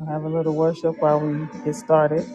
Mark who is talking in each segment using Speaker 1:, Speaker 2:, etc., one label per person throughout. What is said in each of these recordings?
Speaker 1: I'll have a little worship while we get started.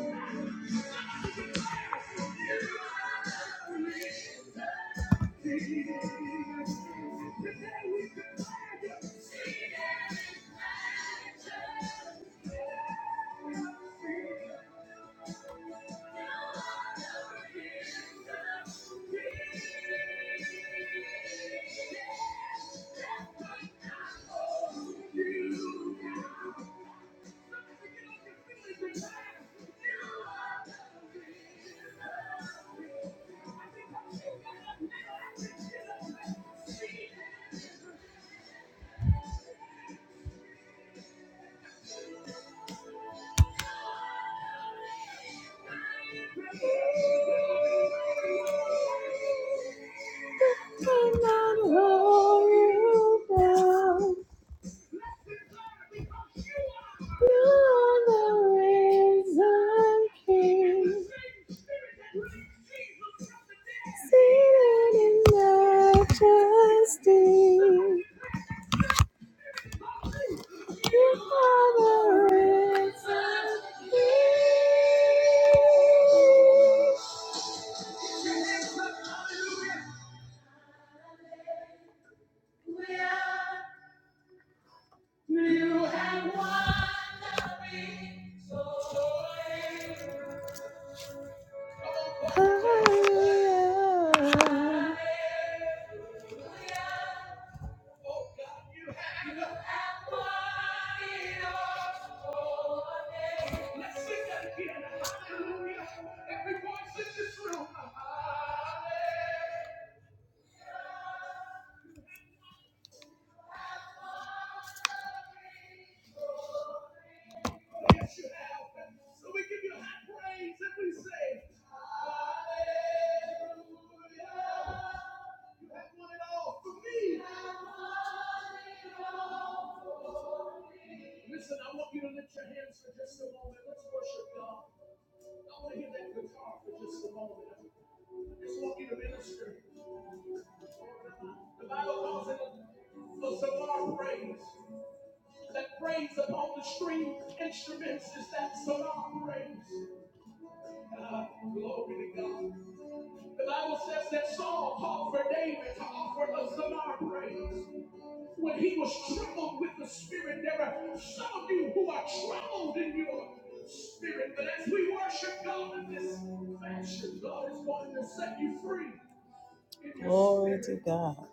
Speaker 1: Glory to God.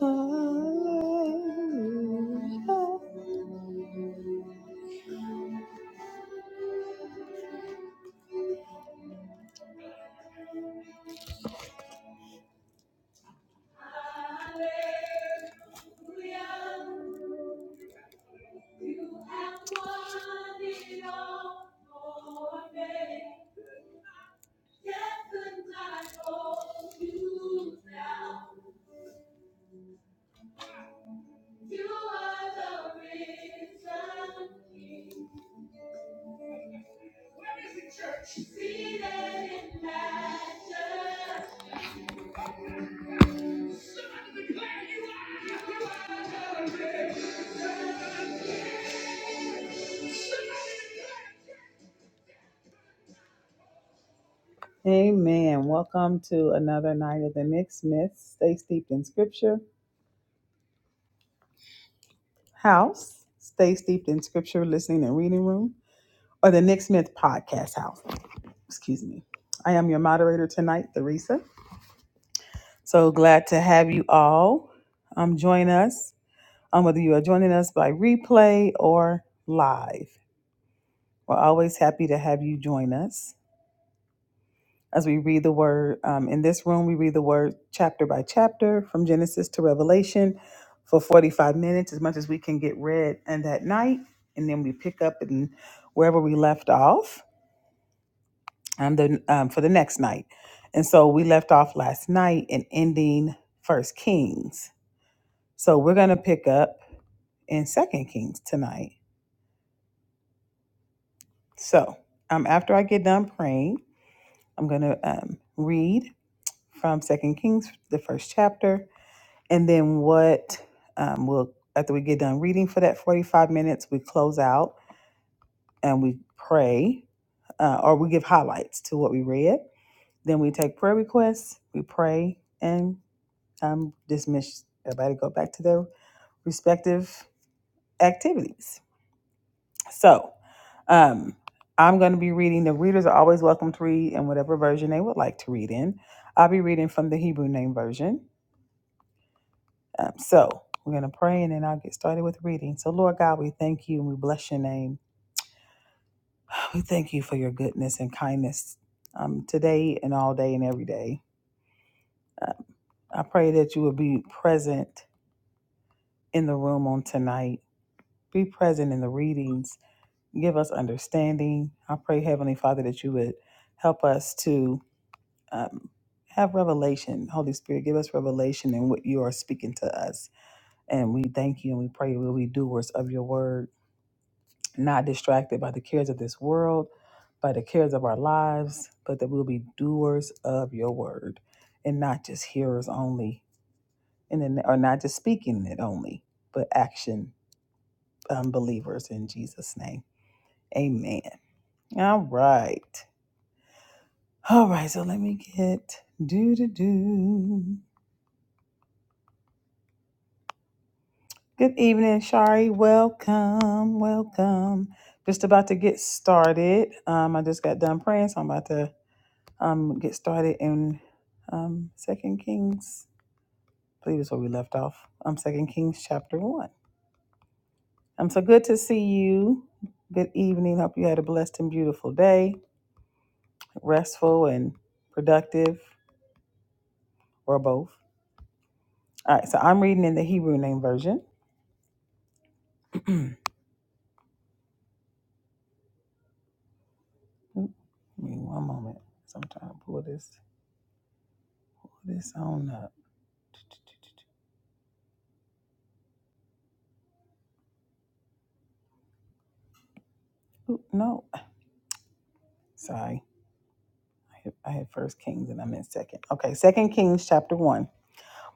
Speaker 1: Hallelujah. Hallelujah. You have won it all for me. Death could not hold you down. You are the risen King. Where is the church? Seated in majesty. Declare you are. Amen. Welcome to another night of the Nick Smiths. Stay steeped in scripture. house, Stay Steeped in Scripture Listening and Reading Room, or the Nick Smith Podcast House. Excuse me. I am your moderator tonight, Theresa. So glad to have you all um, join us, um, whether you are joining us by replay or live. We're always happy to have you join us. as we read the word. Um, in this room, we read the word chapter by chapter from Genesis to Revelation for 45 minutes, as much as we can get read. And that night, and then we pick up and wherever we left off and then um, for the next night. And so we left off last night in ending First Kings. So we're going to pick up in Second Kings tonight. So um, after I get done praying, I'm going to um, read from Second Kings, the first chapter, And then what um, we'll, after we get done reading for that 45 minutes, we close out and we pray uh, or we give highlights to what we read. Then we take prayer requests, we pray, and um, dismiss everybody, go back to their respective activities. So um, I'm going to be reading. The readers are always welcome to read in whatever version they would like to read in. I'll be reading from the Hebrew Name Version. Um, so we're going to pray and then I'll get started with reading. So, Lord God, we thank you and we bless your name. We thank you for your goodness and kindness um, today and all day and every day. Uh, I pray that you will be present in the room on tonight, be present in the readings, give us understanding. I pray, Heavenly Father, that you would help us to. Um, have revelation. Holy Spirit, give us revelation in what you are speaking to us. And we thank you and we pray we'll be doers of your word not distracted by the cares of this world, by the cares of our lives, but that we'll be doers of your word and not just hearers only, and then, or not just speaking it only, but action um, believers in Jesus' name. Amen. All right. All right. So let me get do do do. Good evening, Shari. Welcome. Welcome. Just about to get started. Um, I just got done praying, so I'm about to um, get started in um, Second Kings. I believe is where we left off. Um, Second Kings chapter one. Um, so good to see you. Good evening. Hope you had a blessed and beautiful day, restful and productive, or both. All right. So I'm reading in the Hebrew Name Version. Oop, Give me one moment. So I'm trying to pull this pull this on up. Oop, no, sorry. I hit, I hit First Kings and I'm in Second. Okay, Second Kings chapter one.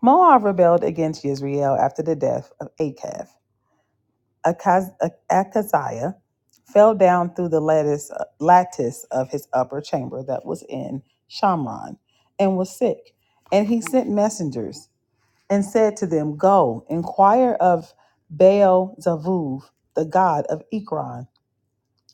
Speaker 1: Moab rebelled against Israel after the death of Achab. Akaz- Akaziah fell down through the lattice, lattice of his upper chamber that was in Shamron and was sick. And he sent messengers and said to them, Go, inquire of Baal Zavuv, the god of Ekron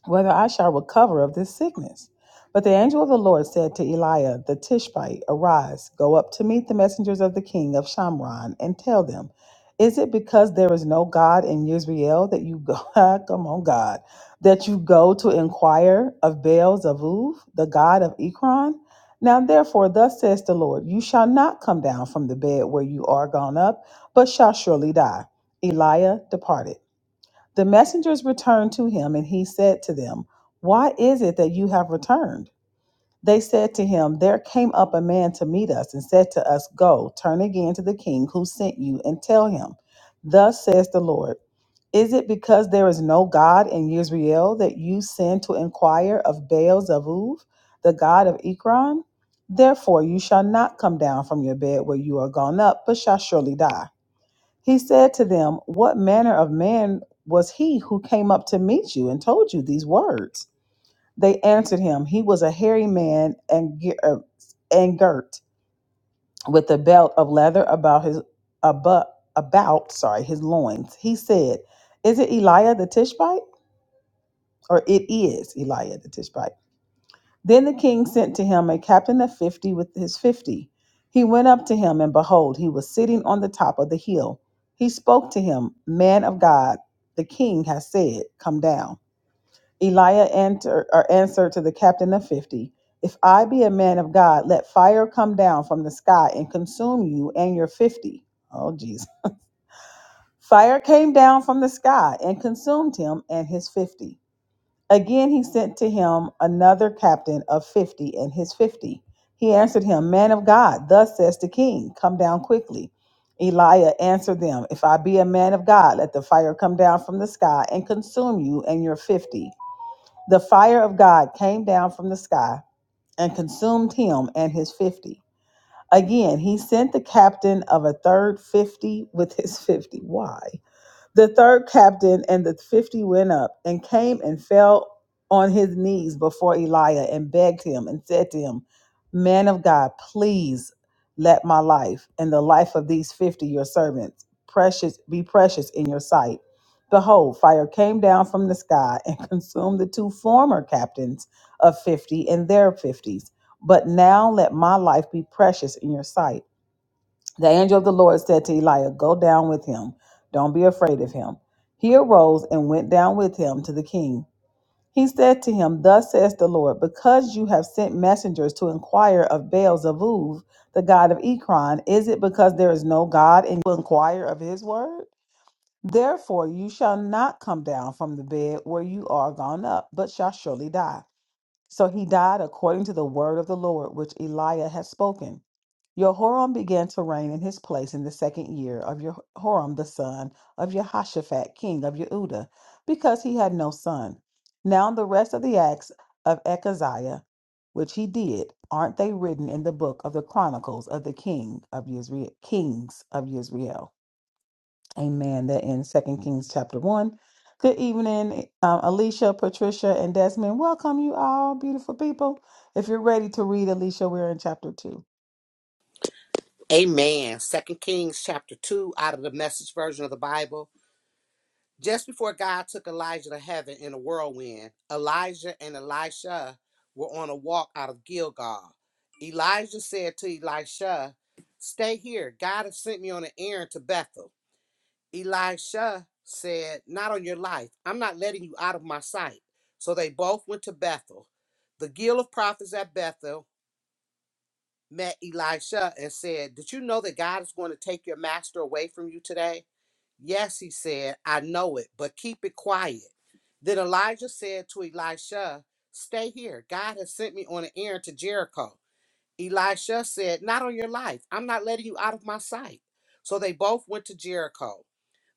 Speaker 1: whether I shall recover of this sickness. But the angel of the Lord said to Eliah the Tishbite, Arise, go up to meet the messengers of the king of Shamron, and tell them, Is it because there is no God in Israel that you go, Ah, come on, God, that you go to inquire of Baal Zavuv, the god of Ekron? Now therefore, thus says the Lord, You shall not come down from the bed where you are gone up, but shall surely die. Eliah departed. The messengers returned to him, and he said to them, Why is it that you have returned? They said to him, There came up a man to meet us and said to us, Go, turn again to the king who sent you, and tell him, Thus says the Lord, Is it because there is no God in Israel that you send to inquire of Baal Zavuv, the god of Ekron? Therefore you shall not come down from your bed where you are gone up, but shall surely die. He said to them, What manner of man was he who came up to meet you and told you these words? They answered him, He was a hairy man and, gi- uh, and girt with a belt of leather about his about, about sorry his loins. He said, Is it Eliah the Tishbite? Or it is Eliah the Tishbite. Then the king sent to him a captain of fifty with his fifty. He went up to him, and behold, he was sitting on the top of the hill. He spoke to him, Man of God, the king has said, Come down. Elijah answer, or answered to the captain of fifty, If I be a man of God, let fire come down from the sky and consume you and your fifty. Oh, Jesus. Fire came down from the sky and consumed him and his fifty. Again he sent to him another captain of fifty and his fifty. He answered him, Man of God, thus says the king, come down quickly. Elijah answered them, If I be a man of God, let the fire come down from the sky and consume you and your fifty. The fire of God came down from the sky and consumed him and his fifty. Again, he sent the captain of a third fifty with his fifty. Why? The third captain and the fifty went up and came and fell on his knees before Elijah and begged him and said to him, Man of God, please let my life and the life of these fifty your servants precious be precious in your sight. Behold, fire came down from the sky and consumed the two former captains of fifty and their fifties. But now let my life be precious in your sight the angel of the Lord said to Eliah, Go down with him. Don't be afraid of him. He arose and went down with him to the king. He said to him, Thus says the Lord, because you have sent messengers to inquire of Baal Zevuv, the god of Ekron, is it because there is no God and you inquire of his word? Therefore you shall not come down from the bed where you are gone up, but shall surely die. So he died according to the word of the Lord, which Eliah had spoken. Jehoram began to reign in his place in the second year of Jehoram the son of Jehoshaphat, king of Judah, because he had no son. Now the rest of the acts of Echaziah, which he did, aren't they written in the book of the chronicles of the king of Israel, kings of Israel? Amen. That in Second Kings chapter one. Good evening, um, Alicia, Patricia, and Desmond. Welcome you all, beautiful people. If you're ready to read, Alicia, we're in chapter two.
Speaker 2: Amen. Second Kings chapter 2 out of the message version of the Bible. Just before God took Elijah to heaven in a whirlwind, Elijah and Elisha were on a walk out of Gilgal. Elijah said to Elisha, Stay here. God has sent me on an errand to Bethel. Elisha said, Not on your life. I'm not letting you out of my sight. So they both went to Bethel. The guild of prophets at Bethel met Elisha and said, Did you know that God is going to take your master away from you today? Yes, he said, I know it, but keep it quiet. Then Elijah said to Elisha, Stay here. God has sent me on an errand to Jericho. Elisha said, Not on your life. I'm not letting you out of my sight. So they both went to Jericho.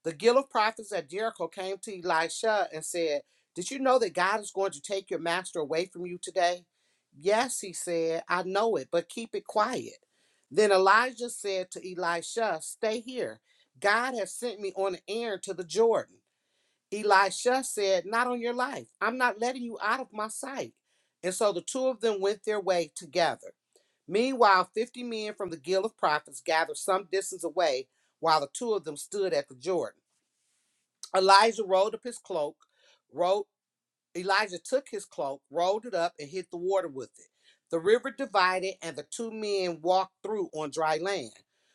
Speaker 2: The guild of prophets at Jericho came to Elisha and said, Did you know that God is going to take your master away from you today? Yes, he said, I know it, but keep it quiet. Then Elijah said to Elisha, Stay here. God has sent me on an errand to the Jordan. Elisha said, Not on your life. I'm not letting you out of my sight. And so the two of them went their way together. Meanwhile, 50 men from the guild of prophets gathered some distance away while the two of them stood at the Jordan. Elijah rolled up his cloak, rolled Elijah took his cloak, rolled it up, and hit the water with it. The river divided, and the two men walked through on dry land.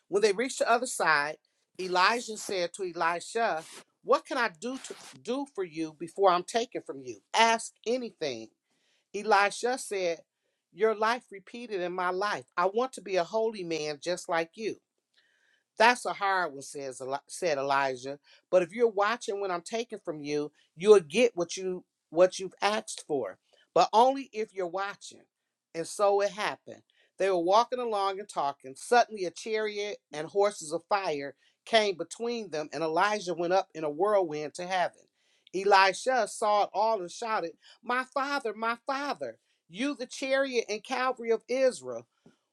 Speaker 2: When they reached the other side, Elijah said to Elisha, What can I do to do for you before I'm taken from you? Ask anything. Elisha said, Your life repeated in my life. I want to be a holy man just like you. That's a hard one, says said Elijah. But if you're watching when I'm taking from you, you'll get what you what you've asked for, but only if you're watching. And so it happened. They were walking along and talking. Suddenly, a chariot and horses of fire came between them, and Elijah went up in a whirlwind to heaven. Elisha saw it all and shouted, "My father, my father! You, the chariot and cavalry of Israel!"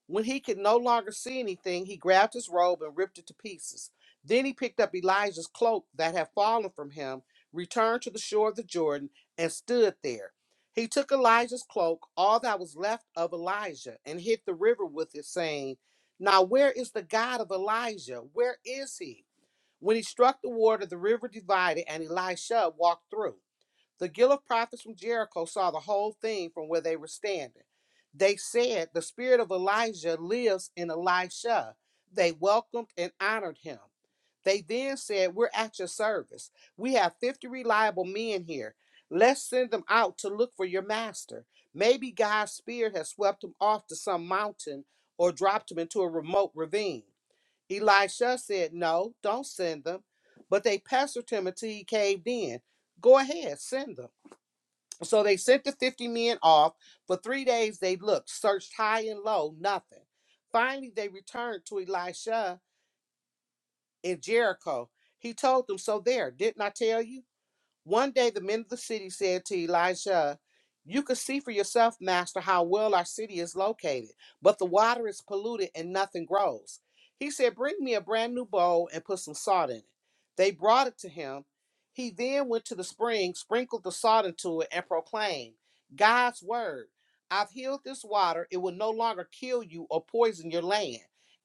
Speaker 2: When he could no longer see anything, he grabbed his robe and ripped it to pieces. Then he picked up Elijah's cloak that had fallen from him, returned to the shore of the Jordan, and stood there. He took Elijah's cloak, all that was left of Elijah, and hit the river with it, saying, Now where is the God of Elijah? Where is he? When he struck the water, the river divided, and Elisha walked through. The guild of prophets from Jericho saw the whole thing from where they were standing. They said, The spirit of Elijah lives in Elisha. They welcomed and honored him. They then said, We're at your service. We have 50 reliable men here. Let's send them out to look for your master. Maybe God's spirit has swept him off to some mountain or dropped him into a remote ravine. Elisha said, No, don't send them. But they pestered him until he caved in. Go ahead, send them. So they sent the 50 men off. For three days they looked, searched high and low, nothing. Finally, they returned to Elisha in Jericho. He told them, So there, didn't I tell you? One day the men of the city said to Elisha, You can see for yourself, master, how well our city is located, but the water is polluted and nothing grows. He said, Bring me a brand new bowl and put some salt in it. They brought it to him. He then went to the spring, sprinkled the salt into it, and proclaimed, God's word. I've healed this water. It will no longer kill you or poison your land.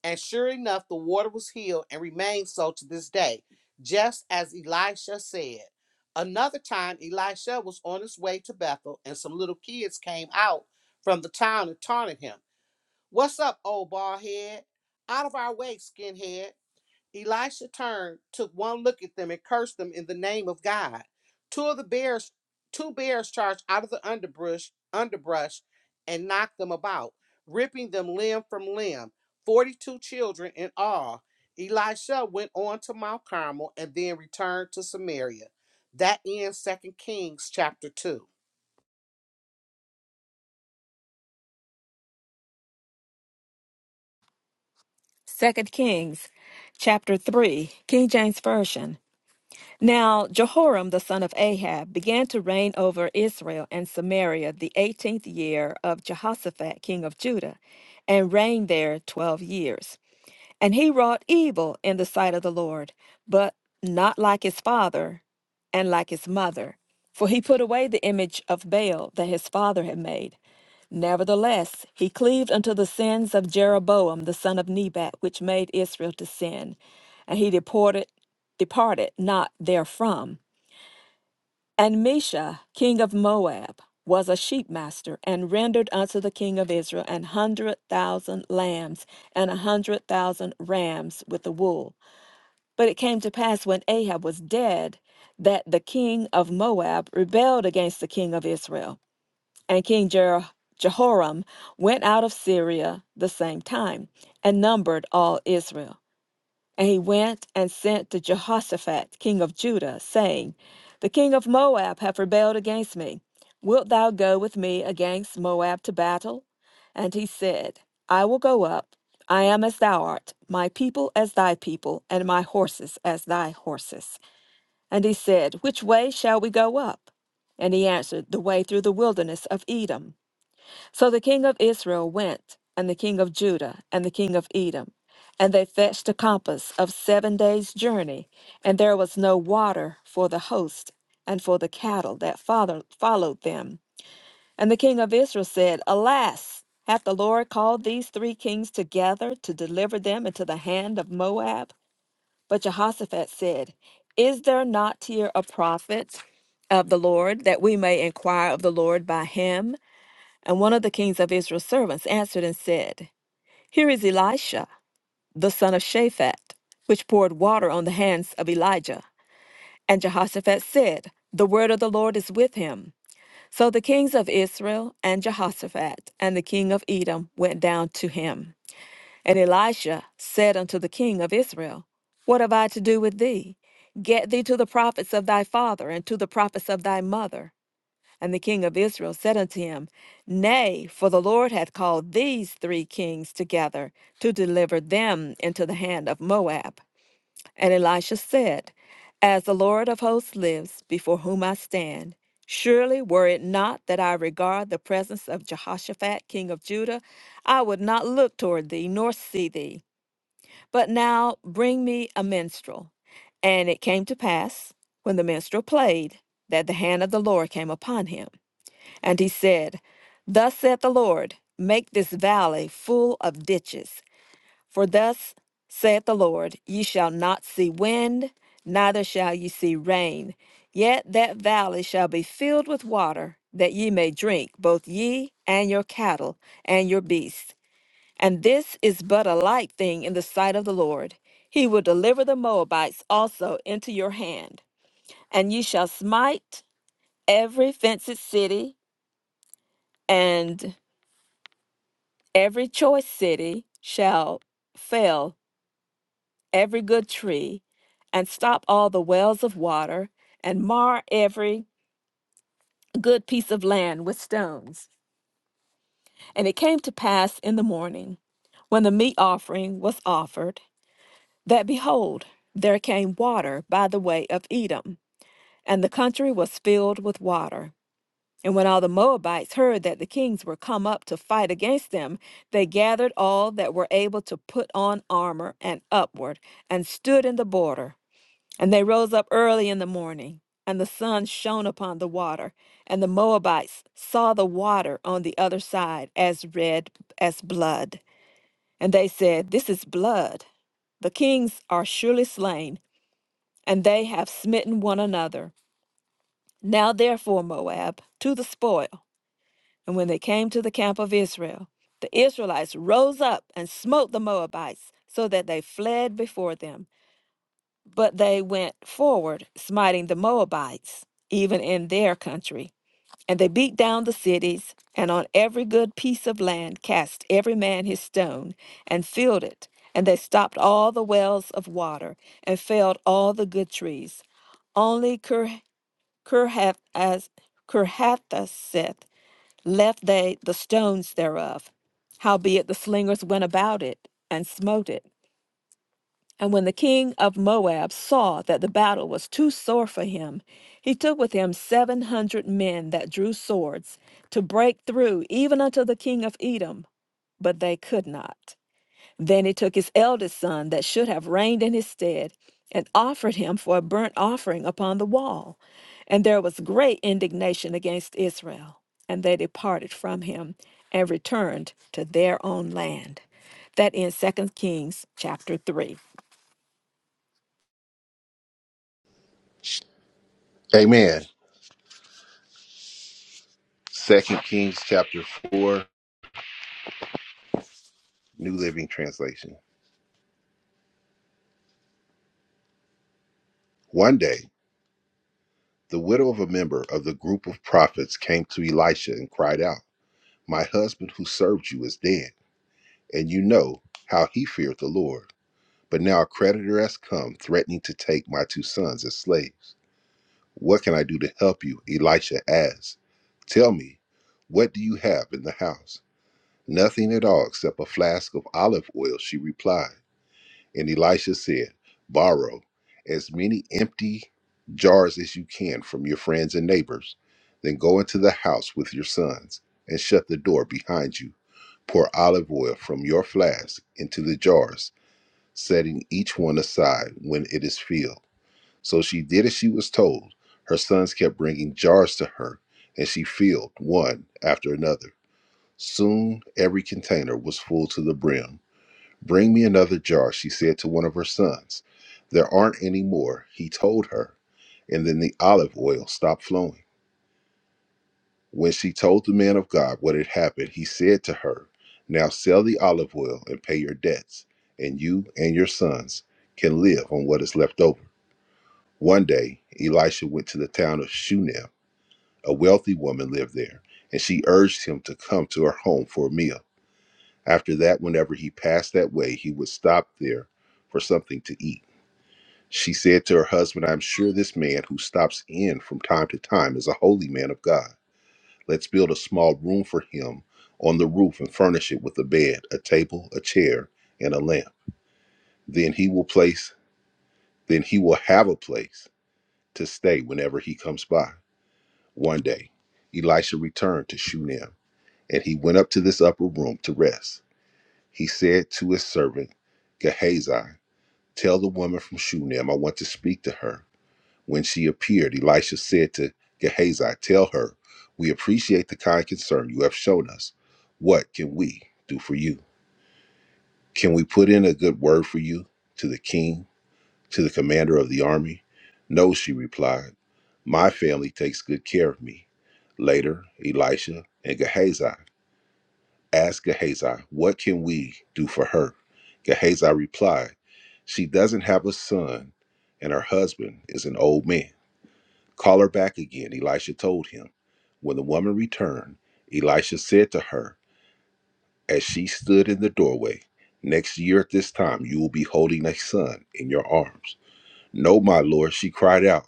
Speaker 2: And sure enough, the water was healed and remains so to this day, just as Elisha said. Another time, Elisha was on his way to Bethel, and some little kids came out from the town and taunted him. What's up, old bald head? Out of our way, skinhead. Elisha turned, took one look at them, and cursed them in the name of God. Two of the bears, two bears charged out of the underbrush, underbrush, and knocked them about, ripping them limb from limb. Forty-two children in all. Elisha went on to Mount Carmel and then returned to Samaria. That ends Second Kings chapter two.
Speaker 3: Second Kings chapter 3, King James Version. Now Jehoram the son of Ahab began to reign over Israel and Samaria the eighteenth year of Jehoshaphat king of Judah, and reigned there twelve years. And he wrought evil in the sight of the Lord, but not like his father and like his mother, for he put away the image of Baal that his father had made. Nevertheless, he cleaved unto the sins of Jeroboam the son of Nebat, which made Israel to sin. And he deported departed not therefrom. And Misha, king of Moab, was a sheepmaster, and rendered unto the king of Israel an hundred thousand lambs and a hundred thousand rams with the wool. But it came to pass when Ahab was dead that the king of Moab rebelled against the king of Israel. And King Jer- Jehoram went out of Syria the same time and numbered all Israel. And he went and sent to Jehoshaphat, king of Judah, saying, The king of Moab hath rebelled against me. Wilt thou go with me against Moab to battle? And he said, I will go up. I am as thou art, my people as thy people, and my horses as thy horses. And he said, Which way shall we go up? And he answered, The way through the wilderness of Edom. So the king of Israel went, and the king of Judah, and the king of Edom. And they fetched a compass of seven days' journey, and there was no water for the host and for the cattle that follow- followed them. And the king of Israel said, Alas, hath the Lord called these three kings together to deliver them into the hand of Moab? But Jehoshaphat said, Is there not here a prophet of the Lord, that we may inquire of the Lord by him? And one of the kings of Israel's servants answered and said, Here is Elisha, the son of Shaphat, which poured water on the hands of Elijah. And Jehoshaphat said, The word of the Lord is with him. So the kings of Israel and Jehoshaphat and the king of Edom went down to him. And Elisha said unto the king of Israel, What have I to do with thee? Get thee to the prophets of thy father and to the prophets of thy mother. And the king of Israel said unto him, Nay, for the Lord hath called these three kings together to deliver them into the hand of Moab. And Elisha said, As the Lord of hosts lives, before whom I stand, surely were it not that I regard the presence of Jehoshaphat, king of Judah, I would not look toward thee nor see thee. But now bring me a minstrel. And it came to pass, when the minstrel played, that the hand of the Lord came upon him. And he said, Thus saith the Lord, make this valley full of ditches. For thus saith the Lord, ye shall not see wind, neither shall ye see rain. Yet that valley shall be filled with water, that ye may drink, both ye and your cattle and your beasts. And this is but a light thing in the sight of the Lord. He will deliver the Moabites also into your hand, and ye shall smite every fenced city, and Every choice city shall fell every good tree, and stop all the wells of water, and mar every good piece of land with stones. And it came to pass in the morning, when the meat offering was offered, that behold, there came water by the way of Edom, and the country was filled with water. And when all the Moabites heard that the kings were come up to fight against them, they gathered all that were able to put on armor and upward, and stood in the border. And they rose up early in the morning, and the sun shone upon the water. And the Moabites saw the water on the other side as red as blood. And they said, This is blood. The kings are surely slain, and they have smitten one another. Now therefore, Moab, to the spoil. And when they came to the camp of Israel, the Israelites rose up and smote the Moabites, so that they fled before them. But they went forward, smiting the Moabites, even in their country. And they beat down the cities, and on every good piece of land cast every man his stone, and filled it. And they stopped all the wells of water, and felled all the good trees. Only Kirhathaseth left they the stones thereof. Howbeit the slingers went about it and smote it. And when the king of Moab saw that the battle was too sore for him, he took with him seven hundred men that drew swords to break through even unto the king of Edom, but they could not. Then he took his eldest son, that should have reigned in his stead, and offered him for a burnt offering upon the wall. And there was great indignation against Israel. And they departed from him and returned to their own land. That in Second Kings chapter 3.
Speaker 4: Amen. Second Kings chapter four, New Living Translation. One day, the widow of a member of the group of prophets came to Elisha and cried out, My husband who served you is dead, and you know how he feared the Lord. But now a creditor has come threatening to take my two sons as slaves. What can I do to help you? Elisha asked. Tell me, what do you have in the house? Nothing at all except a flask of olive oil, she replied. And Elisha said, Borrow as many empty jars as you can from your friends and neighbors. Then go into the house with your sons and shut the door behind you. Pour olive oil from your flask into the jars, setting each one aside when it is filled. So she did as she was told. Her sons kept bringing jars to her, and she filled one after another. Soon every container was full to the brim. Bring me another jar, she said to one of her sons. There aren't any more, he told her. And then the olive oil stopped flowing. When she told the man of God what had happened, he said to her, Now sell the olive oil and pay your debts, and you and your sons can live on what is left over. One day, Elisha went to the town of Shunem. A wealthy woman lived there, and she urged him to come to her home for a meal. After that, whenever he passed that way, he would stop there for something to eat. She said to her husband, I'm sure this man who stops in from time to time is a holy man of God. Let's build a small room for him on the roof and furnish it with a bed, a table, a chair, and a lamp. Then he will place then he will have a place to stay whenever he comes by. One day, Elisha returned to Shunem, and he went up to this upper room to rest. He said to his servant Gehazi, Tell the woman from Shunem I want to speak to her. When she appeared, Elisha said to Gehazi, Tell her, we appreciate the kind concern you have shown us. What can we do for you? Can we put in a good word for you to the king, to the commander of the army? No, she replied. My family takes good care of me. Later, Elisha and Gehazi asked Gehazi, What can we do for her? Gehazi replied, She doesn't have a son, and her husband is an old man. Call her back again, Elisha told him. When the woman returned, Elisha said to her, as she stood in the doorway, Next year at this time you will be holding a son in your arms. No, my lord, she cried out,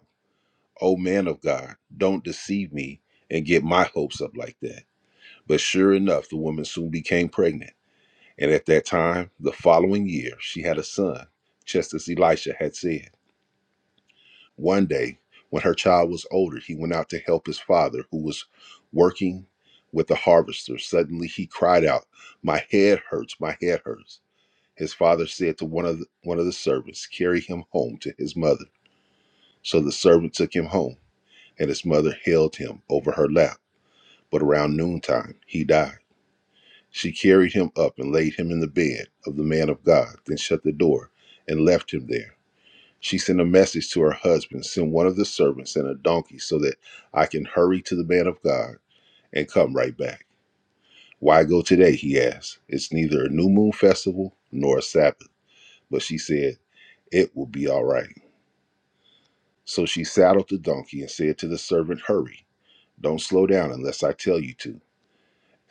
Speaker 4: O man of God, don't deceive me and get my hopes up like that. But sure enough, the woman soon became pregnant. And at that time, the following year, she had a son, just as Elisha had said. One day, when her child was older, he went out to help his father, who was working with the harvester. Suddenly, he cried out, "My head hurts! My head hurts!" His father said to one of the, one of the servants, "Carry him home to his mother." So the servant took him home, and his mother held him over her lap. But around noontime, he died. She carried him up and laid him in the bed of the man of God, then shut the door and left him there. She sent a message to her husband send one of the servants and a donkey so that I can hurry to the man of God and come right back. Why go today? He asked. It's neither a new moon festival nor a Sabbath. But she said, It will be all right. So she saddled the donkey and said to the servant, Hurry, don't slow down unless I tell you to.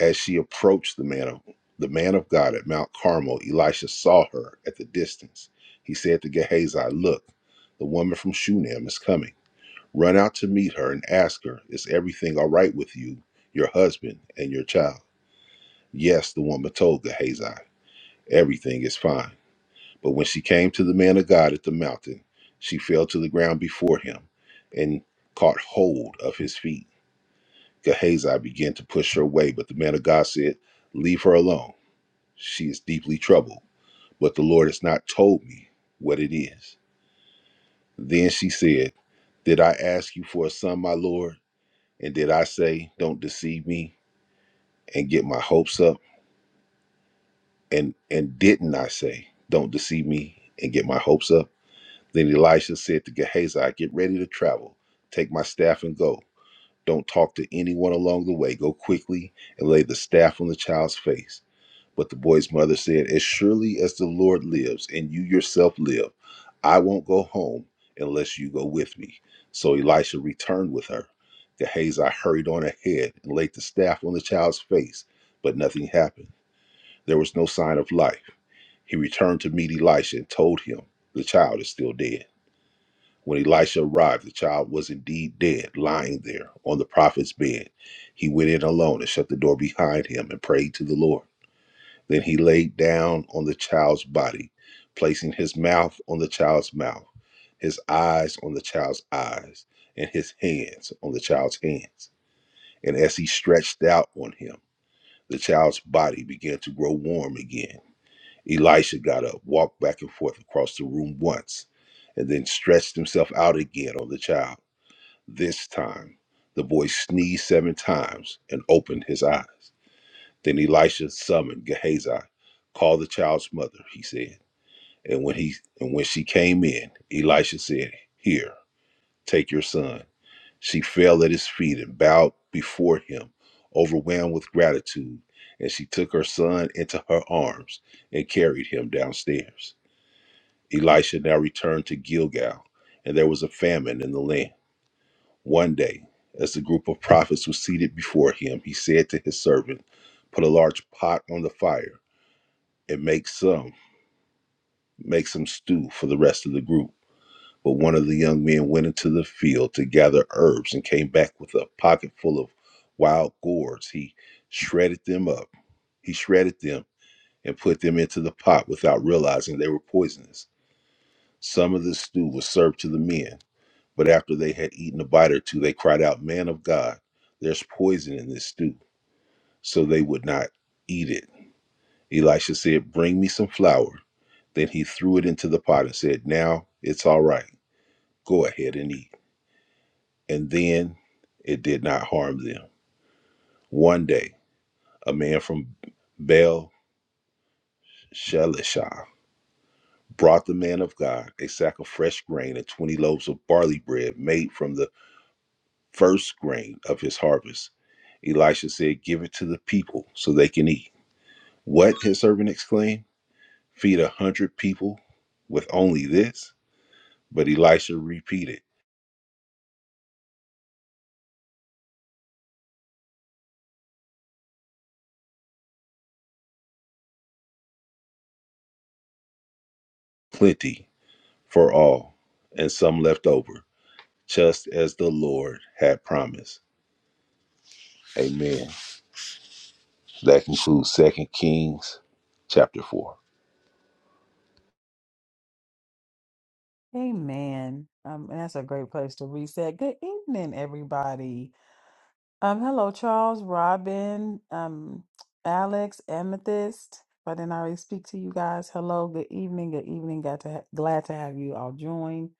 Speaker 4: As she approached the man of the man of God at Mount Carmel, Elisha saw her at the distance. He said to Gehazi, Look, the woman from Shunem is coming. Run out to meet her and ask her, Is everything all right with you, your husband, and your child? Yes, the woman told Gehazi, Everything is fine. But when she came to the man of God at the mountain, she fell to the ground before him and caught hold of his feet. Gehazi began to push her away, but the man of God said, Leave her alone. She is deeply troubled, but the Lord has not told me what it is. Then she said, Did I ask you for a son, my Lord? And did I say, Don't deceive me? and get my hopes up? And and didn't I say, Don't deceive me and get my hopes up? Then Elisha said to Gehazi, Get ready to travel. Take my staff and go. Don't talk to anyone along the way. Go quickly and lay the staff on the child's face. But the boy's mother said, As surely as the Lord lives and you yourself live, I won't go home unless you go with me. So Elisha returned with her. Gehazi hurried on ahead and laid the staff on the child's face, but nothing happened. There was no sign of life. He returned to meet Elisha and told him, The child is still dead. When Elisha arrived, the child was indeed dead, lying there on the prophet's bed. He went in alone and shut the door behind him and prayed to the Lord. Then he laid down on the child's body, placing his mouth on the child's mouth, his eyes on the child's eyes, and his hands on the child's hands. And as he stretched out on him, the child's body began to grow warm again Elisha got up, walked back and forth across the room once, and then stretched himself out again on the child. This time, the boy sneezed seven times and opened his eyes. Then Elisha summoned Gehazi. Call the child's mother, he said. And when he and when she came in, Elisha said, Here, take your son. She fell at his feet and bowed before him, overwhelmed with gratitude, and she took her son into her arms and carried him downstairs. Elisha now returned to Gilgal, and there was a famine in the land. One day, as the group of prophets was seated before him, he said to his servant, Put a large pot on the fire and make some, make some stew for the rest of the group. But one of the young men went into the field to gather herbs and came back with a pocket full of wild gourds. He shredded them up. He shredded them and put them into the pot without realizing they were poisonous. Some of the stew was served to the men But after they had eaten a bite or two, they cried out, Man of God, there's poison in this stew. So they would not eat it. Elisha said, Bring me some flour. Then he threw it into the pot and said, Now it's all right. Go ahead and eat. And then it did not harm them. One day, a man from Baal Shalishah brought the man of God a sack of fresh grain and 20 loaves of barley bread made from the first grain of his harvest. Elisha said, Give it to the people so they can eat. What? his servant exclaimed. Feed a hundred people with only this? But Elisha repeated, Plenty for all, and some left over, just as the Lord had promised. Amen. That concludes Second Kings chapter 4.
Speaker 1: Amen. Um, and that's a great place to reset. Good evening, everybody. Um, hello, Charles, Robin, um, Alex, Amethyst. If I didn't already speak to you guys, hello, good evening, good evening. Got to ha- glad to have you all join.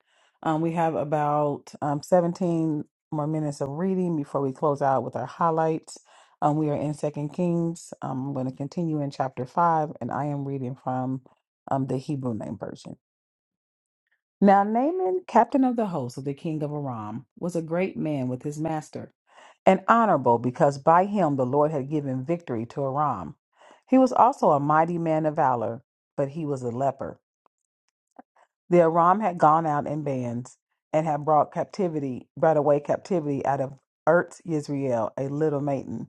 Speaker 1: Um, we have about um, 17 more minutes of reading before we close out with our highlights. Um, we are in Second Kings. Um, I'm going to continue in chapter five, and I am reading from um, the Hebrew Name Version. Now Naaman, captain of the host of the king of Aram, was a great man with his master, and honorable because by him the Lord had given victory to Aram. He was also a mighty man of valor, but he was a leper. The Aram had gone out in bands and had brought captivity, brought away captivity out of Ert Yisrael, a little maiden,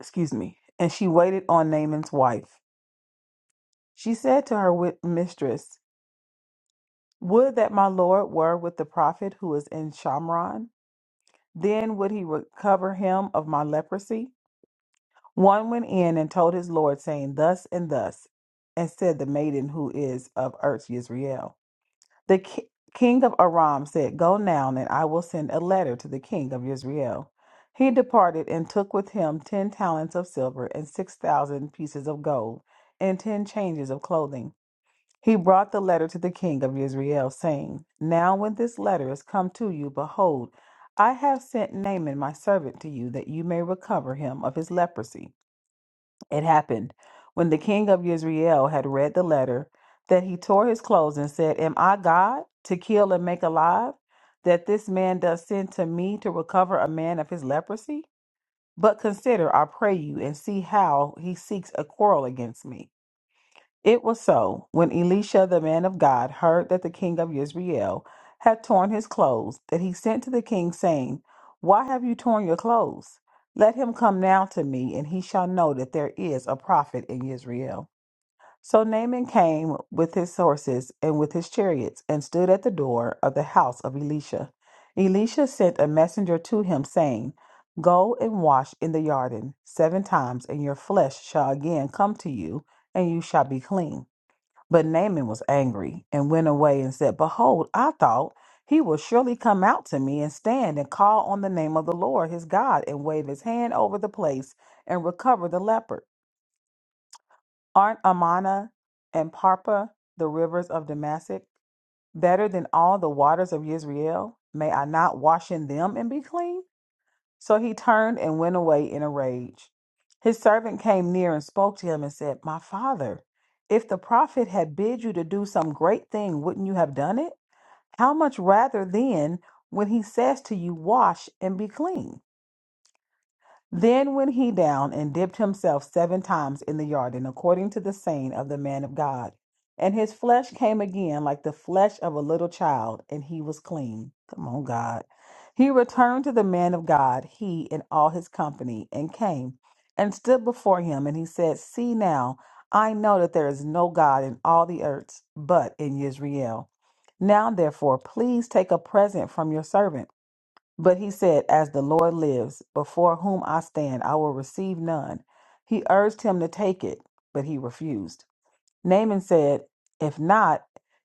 Speaker 1: excuse me, and she waited on Naaman's wife. She said to her wi- mistress, Would that my Lord were with the prophet who is in Shamron Then would he recover him of my leprosy? One went in and told his lord, saying, Thus and thus, and said the maiden who is of Earth Yisrael. The ki- king of Aram said, Go now, and I will send a letter to the king of Israel. He departed and took with him ten talents of silver and six thousand pieces of gold and ten changes of clothing. He brought the letter to the king of Israel, saying, Now when this letter is come to you, behold, I have sent Naaman my servant to you, that you may recover him of his leprosy. It happened, when the king of Israel had read the letter, that he tore his clothes and said, Am I God to kill and make alive, that this man does send to me to recover a man of his leprosy? But consider, I pray you, and see how he seeks a quarrel against me. It was so when Elisha the man of God heard that the king of Israel had torn his clothes, that he sent to the king, saying, Why have you torn your clothes? Let him come now to me, and he shall know that there is a prophet in Israel. So Naaman came with his horses and with his chariots, and stood at the door of the house of Elisha. Elisha sent a messenger to him, saying, Go and wash in the Jordan seven times, and your flesh shall again come to you, and you shall be clean. But Naaman was angry and went away and said, Behold, I thought he will surely come out to me and stand and call on the name of the Lord his God and wave his hand over the place and recover the leper. Aren't Amana and Parpa the rivers of Damascus better than all the waters of Israel? May I not wash in them and be clean? So he turned and went away in a rage. His servant came near and spoke to him and said, My father, if the prophet had bid you to do some great thing, wouldn't you have done it? How much rather then when he says to you, Wash and be clean? Then went he down and dipped himself seven times in the Jordan, according to the saying of the man of God. And his flesh came again like the flesh of a little child, and he was clean. Come on, God. He returned to the man of God, he and all his company, and came and stood before him. And he said, See now, I know that there is no God in all the earth but in Israel. Now, therefore, please take a present from your servant but he said, As the Lord lives, before whom I stand, I will receive none. He urged him to take it, but he refused. Naaman said, If not,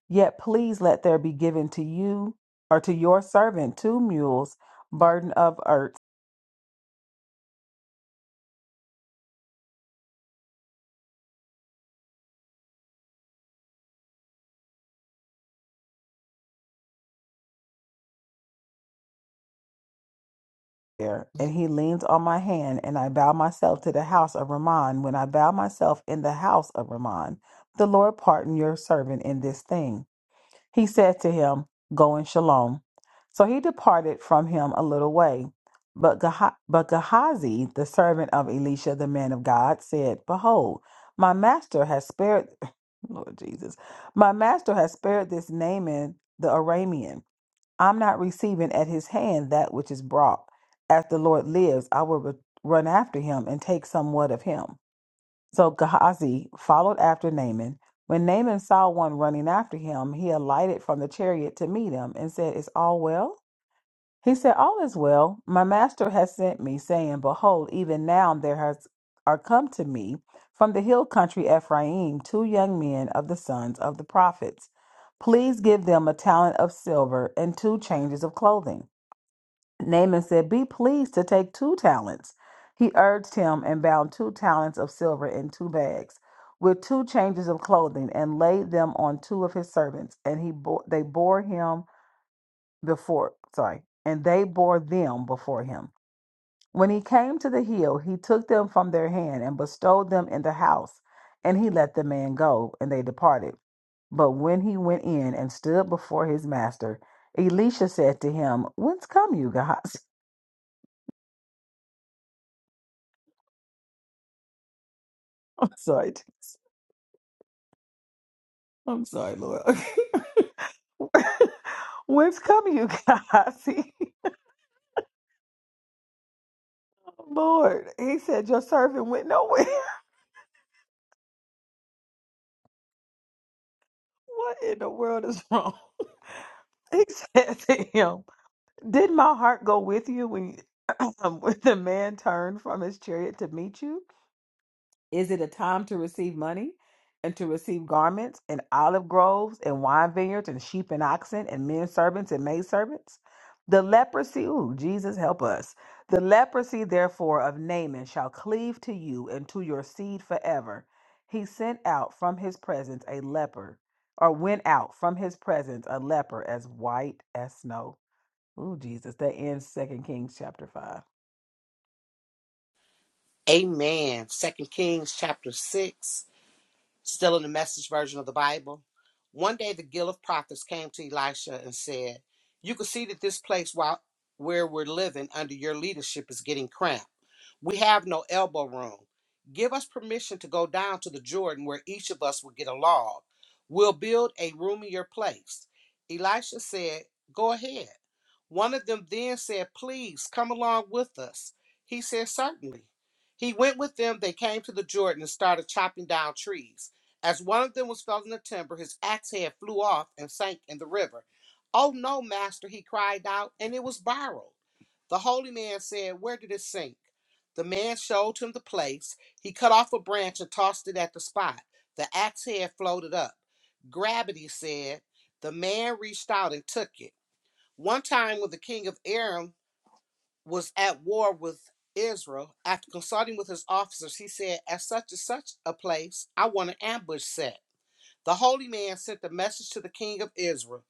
Speaker 1: yet please let there be given to you or to your servant two mules burden of earth. there." And he leans on my hand, and I bow myself to the house of Ramon. When I bow myself in the house of Ramon, the Lord pardon your servant in this thing. He said to him, Go in shalom. So he departed from him a little way. But, Geha- but Gehazi, the servant of Elisha, the man of God, said, Behold, my master has spared, Lord Jesus, my master has spared this Naaman the Aramean. I'm not receiving at his hand that which is brought. As the Lord lives, I will re- run after him and take somewhat of him. So Gehazi followed after Naaman. When Naaman saw one running after him, he alighted from the chariot to meet him and said, Is all well? He said, All is well. My master has sent me, saying, 'Behold, even now there has are come to me from the hill country Ephraim two young men of the sons of the prophets. Please give them a talent of silver and two changes of clothing. Naaman said, Be pleased to take two talents. He urged him and bound two talents of silver in two bags with two changes of clothing and laid them on two of his servants. And he bore, they bore him before, sorry, and they bore them before him. When he came to the hill, he took them from their hand and bestowed them in the house. And he let the man go, and they departed. But when he went in and stood before his master, Elisha said to him, Whence come you, guys? I'm sorry. I'm sorry, Lord. Okay. Whence come you, guys? Lord, he said, Your servant went nowhere. What in the world is wrong? He said to him, Did my heart go with you when, when the man turned from his chariot to meet you? Is it a time to receive money and to receive garments and olive groves and wine vineyards and sheep and oxen and men servants and maid servants? The leprosy, ooh, Jesus help us. The leprosy, therefore, of Naaman shall cleave to you and to your seed forever. He sent out from his presence a leper, or went out from his presence a leper as white as snow. Ooh, Jesus, that ends Second Kings chapter five.
Speaker 2: Amen. Second Kings chapter six. Still in the message version of the Bible. One day the guild of prophets came to Elisha and said, You can see that this place while, where we're living under your leadership is getting cramped. We have no elbow room. Give us permission to go down to the Jordan where each of us will get a log. We'll build a roomier place. Elisha said, Go ahead. One of them then said, Please come along with us. He said, Certainly. He went with them. They came to the Jordan and started chopping down trees. As one of them was felling the timber, his axe head flew off and sank in the river. Oh no, master, he cried out, and it was borrowed. The holy man said, Where did it sink? The man showed him the place. He cut off a branch and tossed it at the spot. The axe head floated up. Gravity said, The man reached out and took it. One time, when the king of Aram was at war with Israel, after consulting with his officers, he said, At such and such a place, I want an ambush set. The holy man sent a message to the king of Israel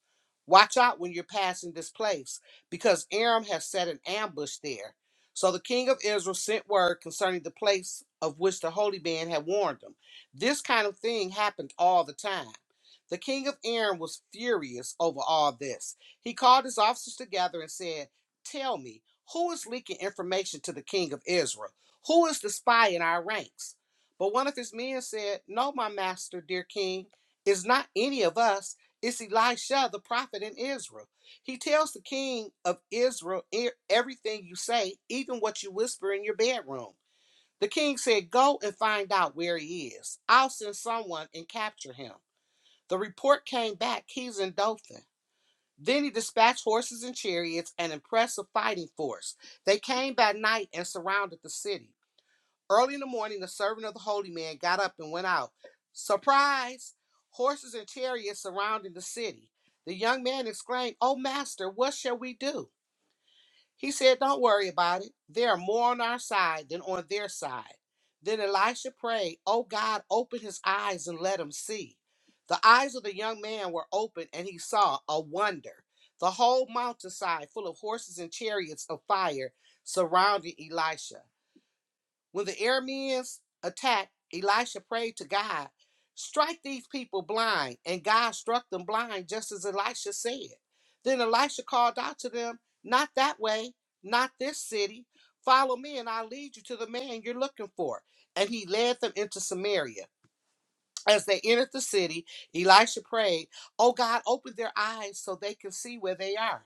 Speaker 2: Watch out when you're passing this place, because Aram has set an ambush there. So the king of Israel sent word concerning the place of which the holy man had warned them. This kind of thing happened all the time. The king of Aram was furious over all this. He called his officers together and said, Tell me, who is leaking information to the king of Israel? Who is the spy in our ranks? But one of his men said, No, my master, dear king. It's not any of us, it's Elisha, the prophet in Israel. He tells the king of Israel "E- everything you say, even what you whisper in your bedroom. The king said, Go and find out where he is. I'll send someone and capture him. The report came back, he's in Dothan. Then he dispatched horses and chariots, an impressive fighting force. They came by night and surrounded the city. Early in the morning, the servant of the holy man got up and went out. Surprise! Horses and chariots surrounded the city. The young man exclaimed, Oh, master, what shall we do? He said, Don't worry about it. There are more on our side than on their side. Then Elisha prayed, Oh God, open his eyes and let him see. The eyes of the young man were opened, and he saw a wonder. The whole mountainside, full of horses and chariots of fire, surrounding Elisha. When the Arameans attacked, Elisha prayed to God, Strike these people blind. And God struck them blind, just as Elisha said. Then Elisha called out to them, Not that way, not this city. Follow me, and I'll lead you to the man you're looking for. And he led them into Samaria. As they entered the city, Elisha prayed, Oh God, open their eyes so they can see where they are.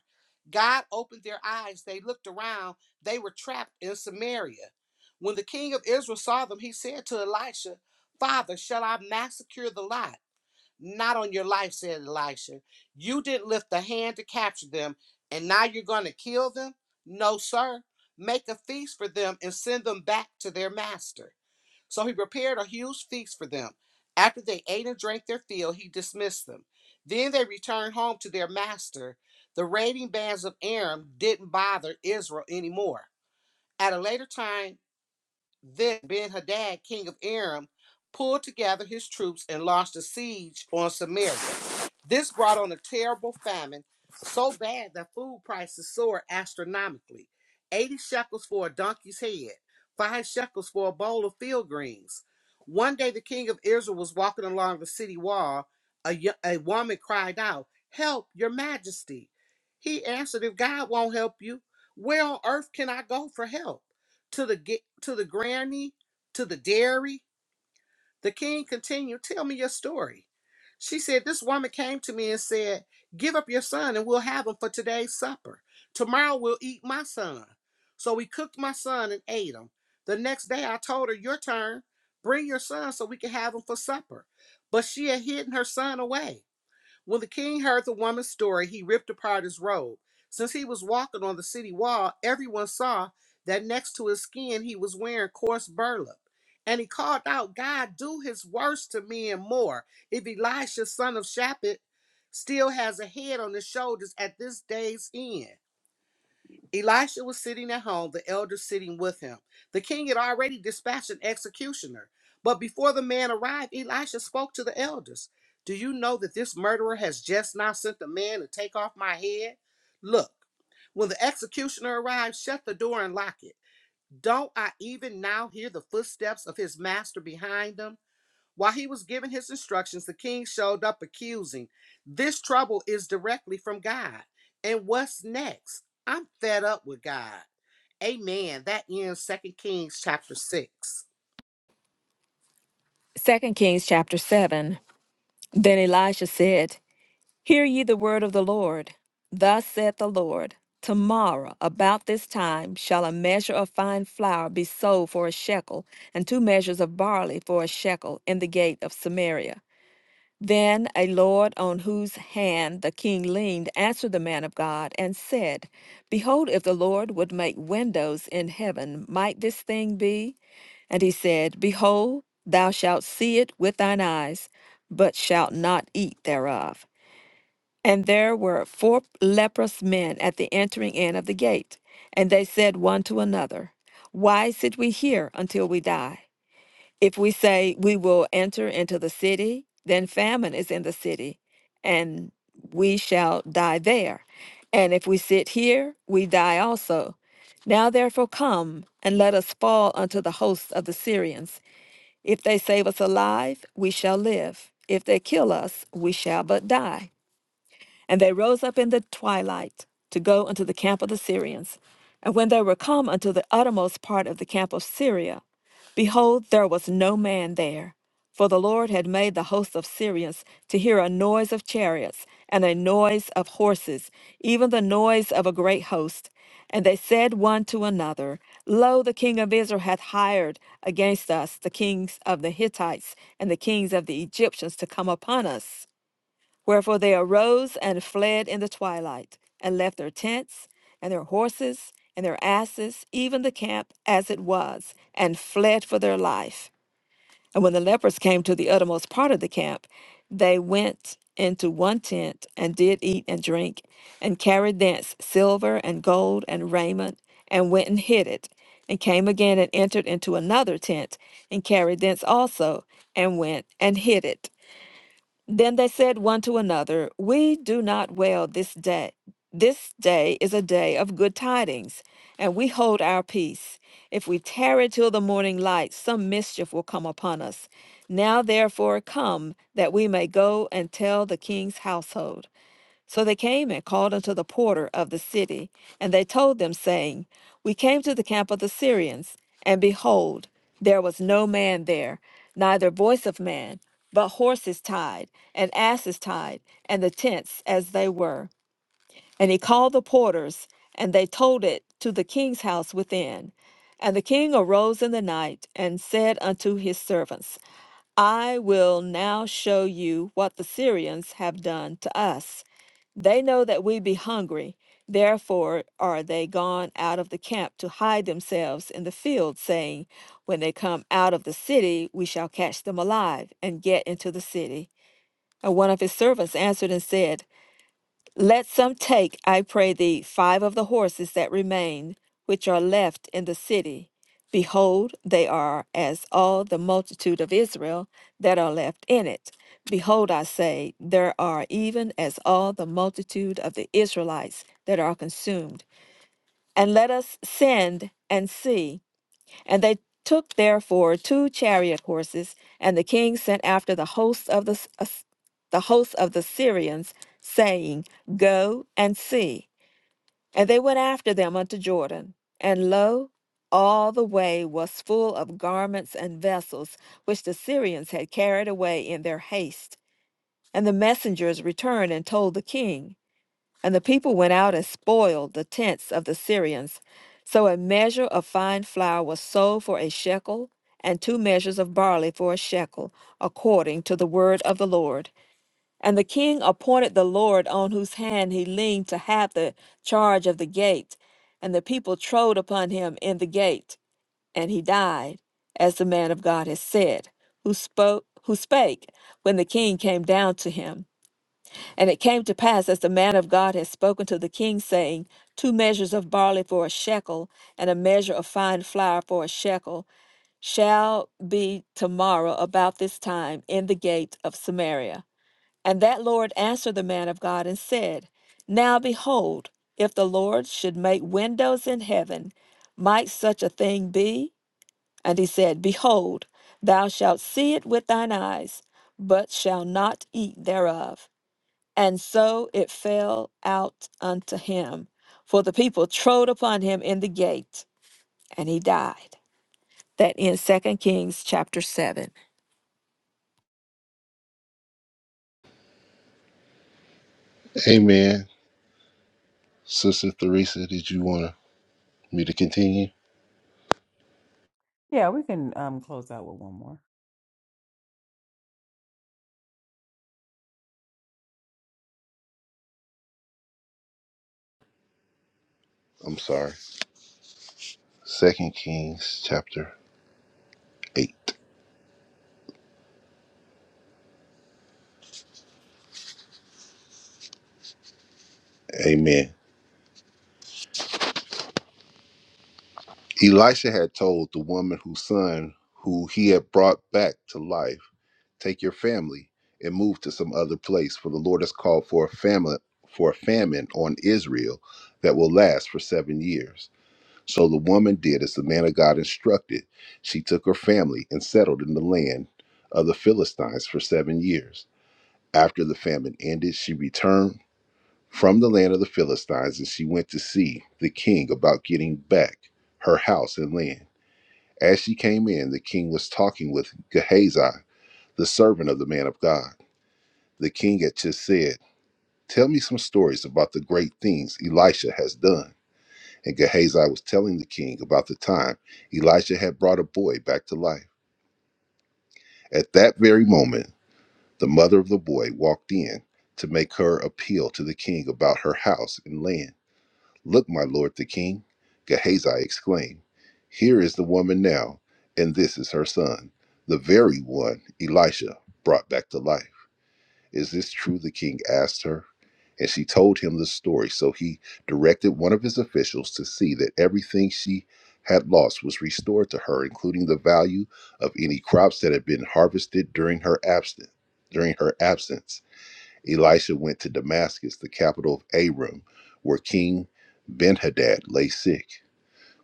Speaker 2: God opened their eyes. They looked around. They were trapped in Samaria. When the king of Israel saw them, he said to Elisha, Father, shall I massacre the lot? Not on your life, said Elisha. You didn't lift a hand to capture them, and now you're going to kill them? No, sir. Make a feast for them and send them back to their master. So he prepared a huge feast for them. After they ate and drank their fill, he dismissed them. Then they returned home to their master. The raiding bands of Aram didn't bother Israel anymore. At a later time, then Ben Hadad, king of Aram, pulled together his troops and launched a siege on Samaria. This brought on a terrible famine, so bad that food prices soared astronomically 80 shekels for a donkey's head, 5 shekels for a bowl of field greens. One day, the king of Israel was walking along the city wall. A, yo- a woman cried out, Help, your majesty. He answered, If God won't help you, where on earth can I go for help? To the, ga- to the granny, to the dairy, the king continued, Tell me your story. She said, This woman came to me and said, 'Give up your son and we'll have him for today's supper. Tomorrow we'll eat my son. So we cooked my son and ate him. The next day I told her, 'Your turn. Bring your son so we can have him for supper. But she had hidden her son away. When the king heard the woman's story, he ripped apart his robe. Since he was walking on the city wall, everyone saw that next to his skin he was wearing coarse burlap. And he called out, God, do his worst to me and more. If Elisha, son of Shaphat, still has a head on his shoulders at this day's end. Elisha was sitting at home, the elder sitting with him. The king had already dispatched an executioner. But before the man arrived, Elisha spoke to the elders. Do you know that this murderer has just now sent a man to take off my head? Look, when the executioner arrives, shut the door and lock it. Don't I even now hear the footsteps of his master behind him? While he was giving his instructions, the king showed up accusing. This trouble is directly from God. And what's next? I'm fed up with God. Amen. That ends Second Kings chapter 6.
Speaker 3: 2 Kings chapter 7. Then Elisha said, Hear ye the word of the Lord. Thus saith the Lord Tomorrow, about this time, shall a measure of fine flour be sold for a shekel, and two measures of barley for a shekel in the gate of Samaria. Then a Lord on whose hand the king leaned answered the man of God and said, Behold, if the Lord would make windows in heaven, might this thing be? And he said, Behold, thou shalt see it with thine eyes, but shalt not eat thereof. And there were four leprous men at the entering in of the gate. And they said one to another, Why sit we here until we die? If we say, We will enter into the city, then famine is in the city, and we shall die there. And if we sit here, we die also. Now therefore come, and let us fall unto the hosts of the Syrians. If they save us alive, we shall live. If they kill us, we shall but die. And they rose up in the twilight to go unto the camp of the Syrians. And when they were come unto the uttermost part of the camp of Syria, behold, there was no man there. For the Lord had made the host of Syrians to hear a noise of chariots and a noise of horses, even the noise of a great host. And they said one to another, Lo, the king of Israel hath hired against us the kings of the Hittites and the kings of the Egyptians to come upon us. Wherefore they arose and fled in the twilight, and left their tents, and their horses, and their asses, even the camp as it was, and fled for their life. And when the lepers came to the uttermost part of the camp, they went into one tent, and did eat and drink, and carried thence silver and gold and raiment, and went and hid it, and came again and entered into another tent, and carried thence also, and went and hid it. Then they said one to another, We do not wail this day. This day is a day of good tidings, and we hold our peace. If we tarry till the morning light, some mischief will come upon us. Now therefore come, that we may go and tell the king's household. So they came and called unto the porter of the city, and they told them, saying, We came to the camp of the Syrians, and behold, there was no man there, neither voice of man, but horses tied, and asses tied, and the tents as they were. And he called the porters, and they told it to the king's house within. And the king arose in the night, and said unto his servants, I will now show you what the Syrians have done to us. They know that we be hungry, therefore are they gone out of the camp to hide themselves in the field, saying, When they come out of the city, we shall catch them alive and get into the city. And one of his servants answered and said, let some take, I pray thee, five of the horses that remain, which are left in the city. Behold, they are as all the multitude of Israel that are left in it. Behold, I say, there are even as all the multitude of the Israelites that are consumed. And let us send and see. And they took therefore two chariot horses, and the king sent after the hosts of the, As- the hosts of the Syrians, saying, Go and see. And they went after them unto Jordan. And lo, all the way was full of garments and vessels, which the Syrians had carried away in their haste. And the messengers returned and told the king. And the people went out and spoiled the tents of the Syrians. So a measure of fine flour was sold for a shekel, and two measures of barley for a shekel, according to the word of the Lord. And the king appointed the Lord on whose hand he leaned to have the charge of the gate. And the people trode upon him in the gate, and he died, as the man of God had said, who spoke who spake when the king came down to him. And it came to pass, as the man of God had spoken to the king, saying, Two measures of barley for a shekel, and a measure of fine flour for a shekel, shall be tomorrow about this time in the gate of Samaria. And that Lord answered the man of God and said, Now behold, if the Lord should make windows in heaven, might such a thing be? And he said, Behold, thou shalt see it with thine eyes, but shalt not eat thereof. And so it fell out unto him. For the people trode upon him in the gate, and he died. That in Second Kings chapter 7.
Speaker 4: Amen. Sister Theresa, did you want me to continue?
Speaker 1: Yeah, we can um close out with one more.
Speaker 4: I'm sorry. Second Kings chapter 8. Amen. Elisha had told the woman whose son who he had brought back to life, Take your family and move to some other place, for the Lord has called for a famine for a famine on Israel that will last for seven years. So the woman did as the man of God instructed. She took her family and settled in the land of the Philistines for seven years. After the famine ended, she returned from the land of the Philistines and she went to see the king about getting back her house and land. As she came in, the king was talking with Gehazi, the servant of the man of God. The king had just said, Tell me some stories about the great things Elisha has done. And Gehazi was telling the king about the time Elisha had brought a boy back to life. At that very moment, the mother of the boy walked in to make her appeal to the king about her house and land. Look, my lord the king, Gehazi exclaimed, here is the woman now, and this is her son, the very one Elisha brought back to life. Is this true? The king asked her. And she told him the story. So he directed one of his officials to see that everything she had lost was restored to her, including the value of any crops that had been harvested during her absence. During her absence. Elisha went to Damascus, the capital of Aram, where King Benhadad lay sick.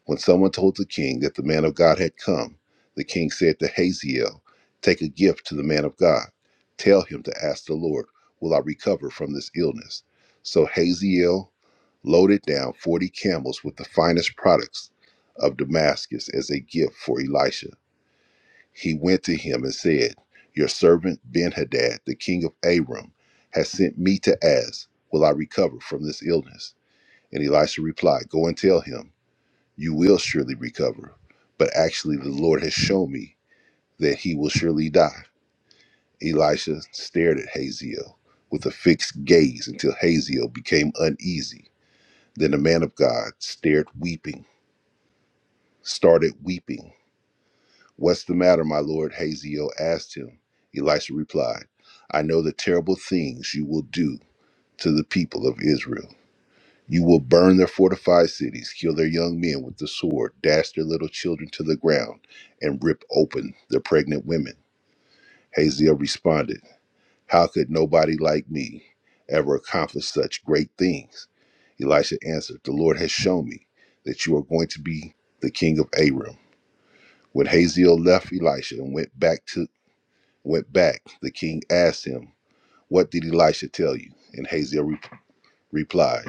Speaker 4: When someone told the king that the man of God had come, the king said to Hazael, Take a gift to the man of God. Tell him to ask the Lord, 'Will I recover from this illness? So Hazael loaded down 40 camels with the finest products of Damascus as a gift for Elisha he went to him and said, Your servant Benhadad, the king of Aram, has sent me to ask, Will I recover from this illness? And Elisha replied, Go and tell him, You will surely recover. But actually, the Lord has shown me that he will surely die. Elisha stared at Haziel with a fixed gaze until Haziel became uneasy. Then the man of God stared weeping, started weeping. What's the matter, my lord? Haziel asked him. Elisha replied, I know the terrible things you will do to the people of Israel. You will burn their fortified cities, kill their young men with the sword, dash their little children to the ground, and rip open their pregnant women. Hazael responded, How could nobody like me ever accomplish such great things? Elisha answered, The Lord has shown me that you are going to be the king of Aram. When Hazael left Elisha and went back to went back. The king asked him, What did Elisha tell you? And Hazael re- replied,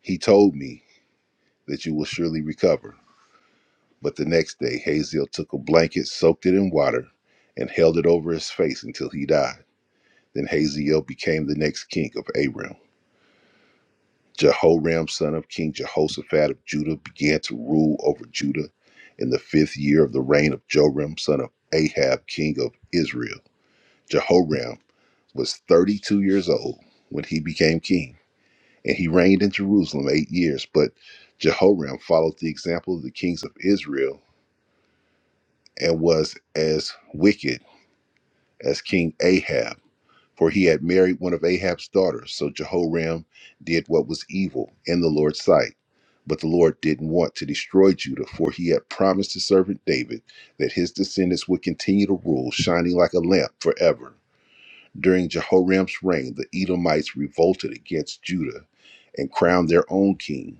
Speaker 4: He told me that you will surely recover. But the next day, Hazael took a blanket, soaked it in water, and held it over his face until he died. Then Hazael became the next king of Aram. Jehoram, son of King Jehoshaphat of Judah, began to rule over Judah in the fifth year of the reign of Joram, son of Ahab, king of Israel. Jehoram was 32 years old when he became king, and he reigned in Jerusalem eight years. But Jehoram followed the example of the kings of Israel and was as wicked as King Ahab, for he had married one of Ahab's daughters. So Jehoram did what was evil in the Lord's sight. But the Lord didn't want to destroy Judah, for he had promised his servant David that his descendants would continue to rule, shining like a lamp forever. During Jehoram's reign, the Edomites revolted against Judah and crowned their own king.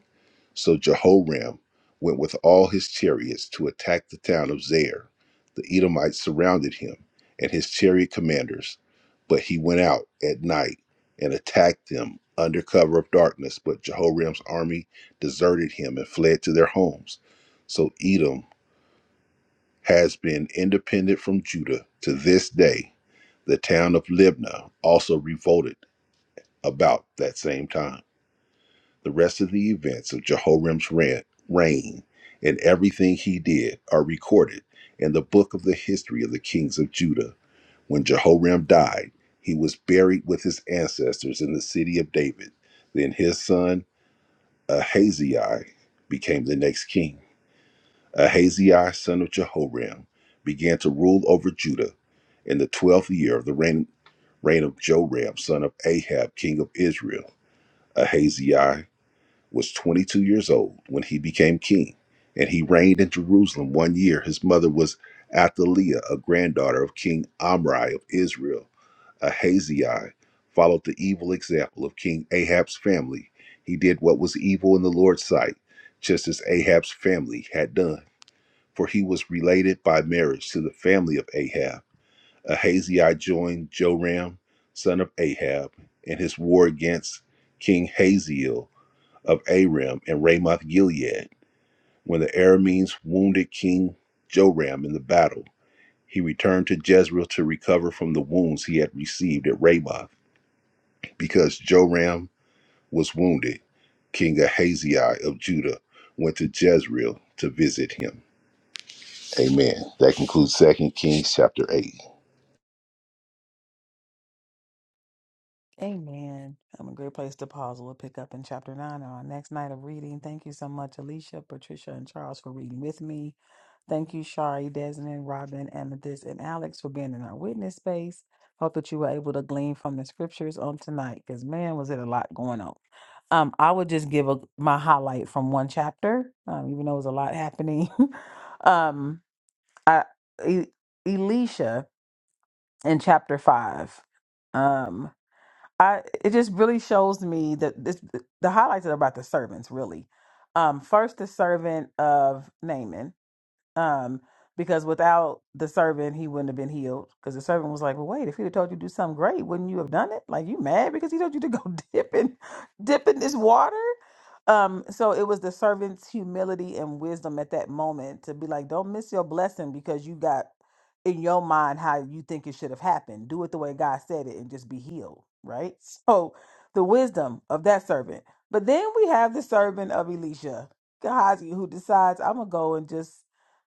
Speaker 4: So Jehoram went with all his chariots to attack the town of Zair. The Edomites surrounded him and his chariot commanders, but he went out at night and attacked them under cover of darkness. But Jehoram's army deserted him and fled to their homes. So Edom has been independent from Judah to this day. The town of Libnah also revolted about that same time. The rest of the events of Jehoram's reign and everything he did are recorded in the book of the history of the kings of Judah. When Jehoram died, he was buried with his ancestors in the city of David. Then his son Ahaziah became the next king. Ahaziah son of Jehoram began to rule over Judah in the twelfth year of the reign, reign of Joram son of Ahab king of Israel. Ahaziah was twenty-two years old when he became king, and he reigned in Jerusalem one year. His mother was Athaliah, a granddaughter of King Omri of Israel. Ahaziah followed the evil example of King Ahab's family. He did what was evil in the Lord's sight, just as Ahab's family had done for he was related by marriage to the family of Ahab. Ahaziah joined Joram, son of Ahab, in his war against King Hazael of Aram and Ramoth Gilead. When the Arameans wounded King Joram in the battle, he returned to Jezreel to recover from the wounds he had received at Ramoth. Because Joram was wounded, King Ahaziah of Judah went to Jezreel to visit him. Amen. That concludes Second Kings chapter eight.
Speaker 1: Amen. I'm a great place to pause. We'll pick up in chapter 9 on our next night of reading. Thank you so much, Alicia, Patricia, and Charles for reading with me. Thank you, Shari, Desmond, Robin, Amethyst, and Alex for being in our witness space. Hope that you were able to glean from the scriptures on tonight because, man, was it a lot going on. Um, I would just give a, my highlight from one chapter, um, even though it was a lot happening. um, I, E- Elisha in chapter 5. Um, I it just really shows me that this the highlights are about the servants really. Um, first the servant of Naaman, um, because without the servant, he wouldn't have been healed. Because the servant was like, "Well, wait, if he'd have told you to do something great, wouldn't you have done it? Like, you mad because he told you to go dip in, dip in this water?" Um, so it was the servant's humility and wisdom at that moment to be like, "Don't miss your blessing because you got in your mind how you think it should have happened. Do it the way God said it, and just be healed." Right. So the wisdom of that servant. But then we have the servant of Elisha, Gehazi, who decides, "I'm gonna go and just."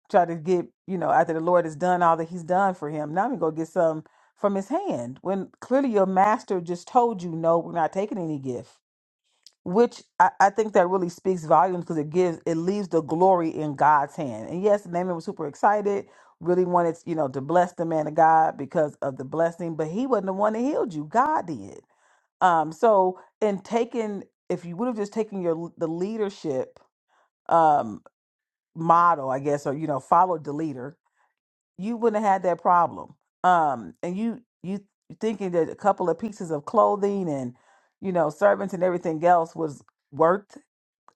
Speaker 1: try to get, you know, after the Lord has done all that he's done for him. Now I'm going to get some from his hand when clearly your master just told you, no, we're not taking any gift, which I, I think that really speaks volumes because it gives, it leaves the glory in God's hand. And yes, Naaman was super excited, really wanted, you know, to bless the man of God because of the blessing, but he wasn't the one that healed you. God did. Um, so in taking, if you would have just taken your, the leadership, um, model, I guess, or, you know, followed the leader, you wouldn't have had that problem. Um, and you you you thinking that a couple of pieces of clothing and you know servants and everything else was worth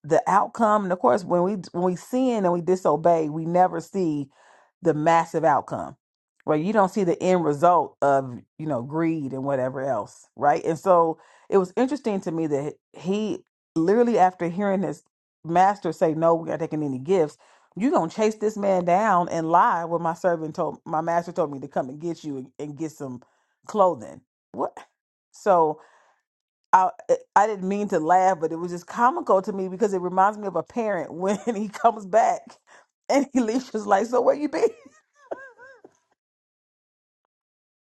Speaker 1: the outcome and of course when we when we sin and we disobey we never see the massive outcome right you don't see the end result of you know greed and whatever else right and so it was interesting to me that he literally after hearing his master say no we're not taking any gifts you gonna chase this man down and lie when my servant told my master told me to come and get you and, and get some clothing what so I eh, I didn't mean to laugh, but it was just comical to me because it reminds me of a parent when he comes back and he leaves just like, so where you been?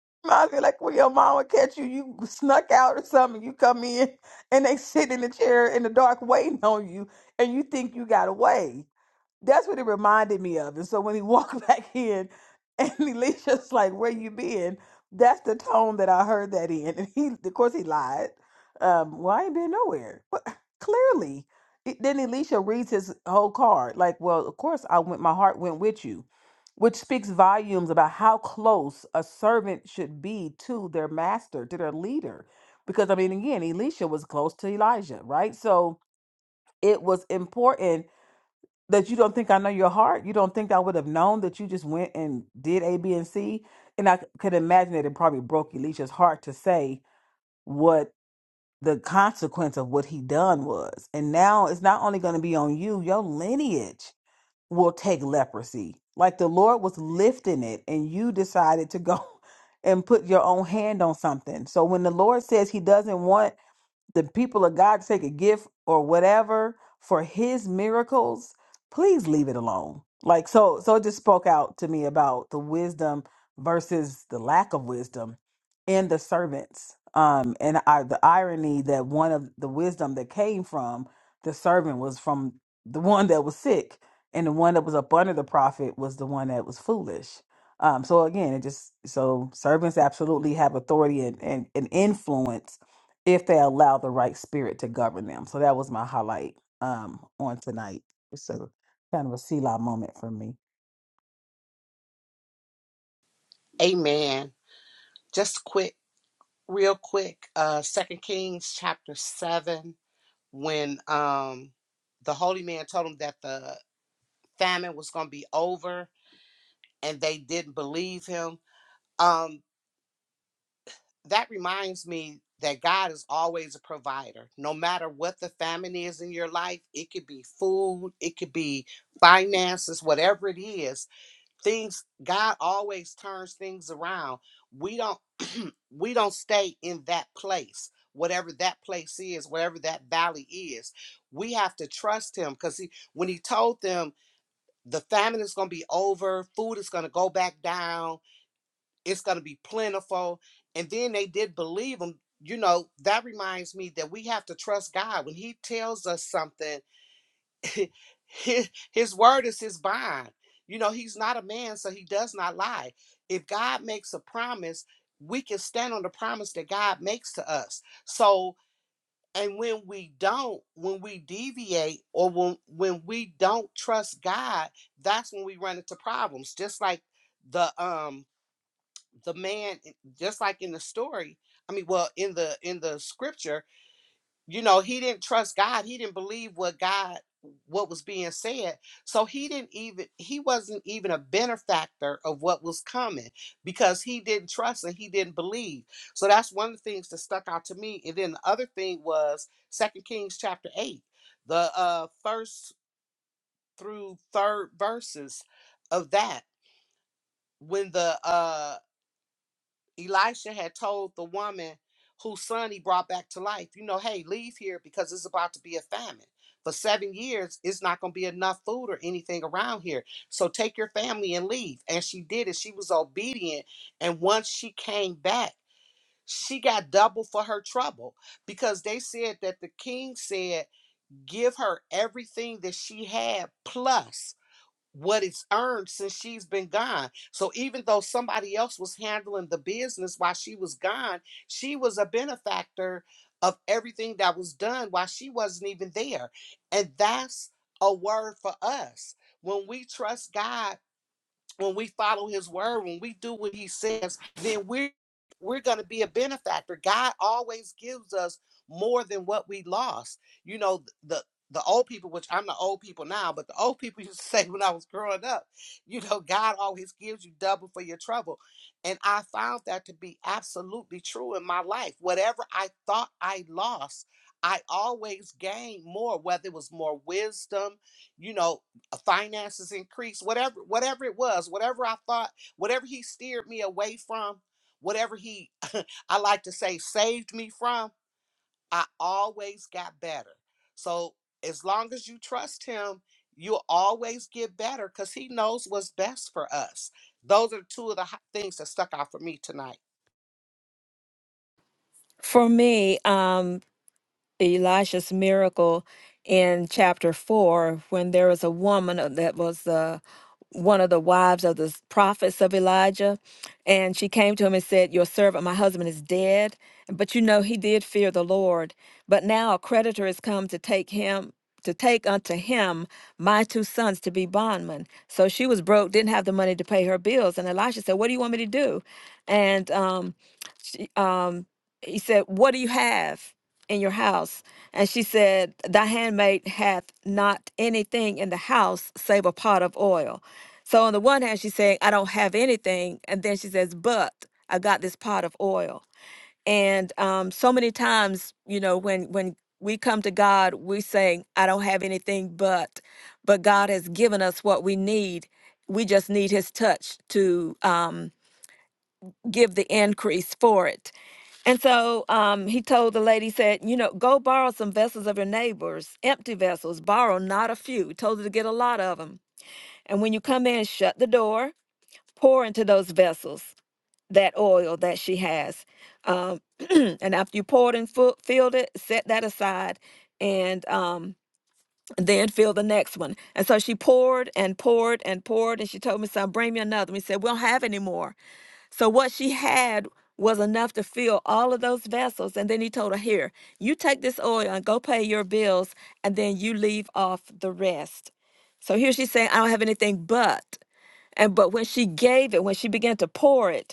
Speaker 1: Reminds me like when your mama catch you, you snuck out or something. You come in and they sit in the chair in the dark waiting on you, and you think you got away. That's what it reminded me of. And so when he walked back in and Alicia's like, Where you been? That's the tone that I heard that in. And he of course he lied. Um, well I ain't been nowhere. But clearly. It- Then Alicia reads his whole card, like, Well, of course I went my heart went with you, which speaks volumes about how close a servant should be to their master, to their leader. Because I mean again, Elisha was close to Elijah, right? So it was important that you don't think I know your heart. You don't think I would have known that you just went and did A, B, and C. And I c- could imagine that it probably broke Elisha's heart to say what the consequence of what he done was. And now it's not only going to be on you, your lineage will take leprosy. Like the Lord was lifting it, and you decided to go and put your own hand on something. So when the Lord says he doesn't want the people of God to take a gift or whatever for his miracles, please leave it alone. Like so so it just spoke out to me about the wisdom versus the lack of wisdom in the servants. Um and I, the irony that one of the wisdom that came from the servant was from the one that was sick and the one that was up under the prophet was the one that was foolish. Um so again it just so servants absolutely have authority and, and, and influence if they allow the right spirit to govern them. So that was my highlight um on tonight. So kind of a Selah moment for me.
Speaker 2: Amen. Just quick, real quick, uh 2 Kings chapter 7, when um the holy man told him that the famine was gonna be over and they didn't believe him. Um that reminds me that God is always a provider. No matter what the famine is in your life, it could be food, it could be finances, whatever it is, things God always turns things around. We don't we don't stay in that place. Whatever that place is, whatever that valley is, we have to trust him because he, when he told them the famine is going to be over, food is going to go back down, it's going to be plentiful and then they did believe him you know that reminds me that we have to trust god when he tells us something his, his word is his bond you know he's not a man so he does not lie if god makes a promise we can stand on the promise that god makes to us so and when we don't when we deviate or when when we don't trust god that's when we run into problems just like the um the man eh, just like in the story i mean well in the in the scripture you know he didn't trust god he didn't believe what god what was being said so he didn't even he wasn't even a benefactor of what was coming because he didn't trust and he didn't believe so that's one of the things that stuck out to me and then the other thing was second kings chapter 8 the uh first through third verses of that when the uh Elisha had told the woman whose son he brought back to life, you know, hey, leave here because it's about to be a famine. For seven years, it's not going to be enough food or anything around here. So take your family and leave. And she did it. She was obedient. And once she came back, she got double for her trouble because they said that the king said, give her everything that she had plus what it's earned since she's been gone. So even though somebody else was handling the business while she was gone, she was a benefactor of everything that was done while she wasn't even there. And that's a word for us. When we trust God when we follow his word, when we do what he says, then we're we're going to be a benefactor. God always gives us more than what we lost. You know, the the old people, which I'm the old people now, but the old people used to say when I was growing up, you know, God always gives you double for your trouble. And I found that to be absolutely true in my life. Whatever I thought I lost, I always gained more, whether it was more wisdom, you know, uh, finances increased, whatever, whatever it was, whatever I thought, whatever he steered me away from, whatever he, I like to say, saved me from, I always got better. So as long as you trust him, you'll always get better because he knows what's best for us. Those are two of the hi- things that stuck out for me tonight.
Speaker 3: For me, um, Elisha's miracle in chapter four, when there was a woman uh, that was uh, one of the wives of the s- prophets of Elijah, and she came to him and said, "Your servant, my husband, is dead." But you know he did fear the Lord. But now a creditor has come to take him to take unto him my two sons to be bondmen. So she was broke, didn't have the money to pay her bills, and Elisha said, "What do you want me to do?" And um, she, um, he said, "What do you have?" in your house? And she said, Thy handmaid hath not anything in the house save a pot of oil. So on the one hand, she's saying, I don't have anything. And then she says, But I got this pot of oil. And um, so many times, you know, when when we come to God, we saying, I don't have anything but, but God has given us what we need. We just need his touch to um, give the increase for it. And so um, he told the lady, said, you know, go borrow some vessels of your neighbors, empty vessels, borrow not a few. He told her to get a lot of them. And when you come in, shut the door, pour into those vessels that oil that she has. Um, and after you poured and fu- filled it, set that aside and um, then fill the next one. And so she poured and poured and poured. And she told me, son, bring me another. We said, we don't have any more. So what she had was enough to fill all of those vessels. And then he told her, Here, you take this oil and go pay your bills, and then you leave off the rest. So here she's saying, I don't have anything but. And but when she gave it, when she began to pour it,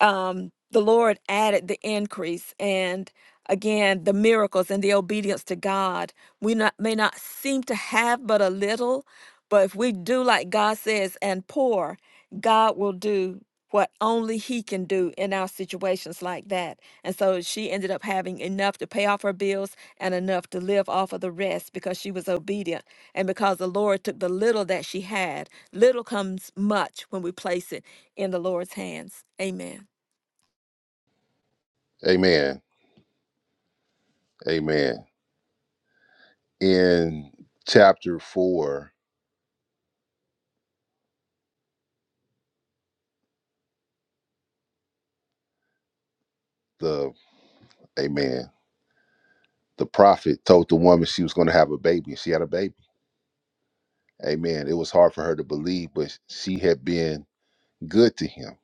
Speaker 3: um, the Lord added the increase and again the miracles and the obedience to God. We not, may not seem to have but a little, but if we do like God says and pour, God will do what only He can do in our situations like that. And so she ended up having enough to pay off her bills and enough to live off of the rest because she was obedient and because the Lord took the little that she had. Little comes much when we place it in the Lord's hands. Amen.
Speaker 4: Amen. Amen. In chapter four, the Amen. The prophet told the woman she was going to have a baby, and she had a baby. Amen. It was hard for her to believe, but she had been good to him.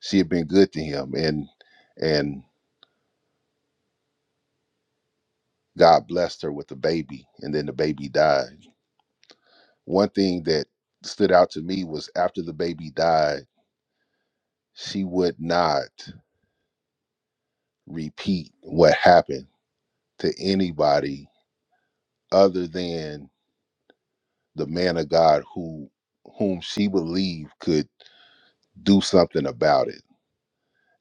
Speaker 4: She had been good to him, and and God blessed her with a baby, and then the baby died. One thing that stood out to me was after the baby died, she would not repeat what happened to anybody other than the man of God who whom she believed could do something about it.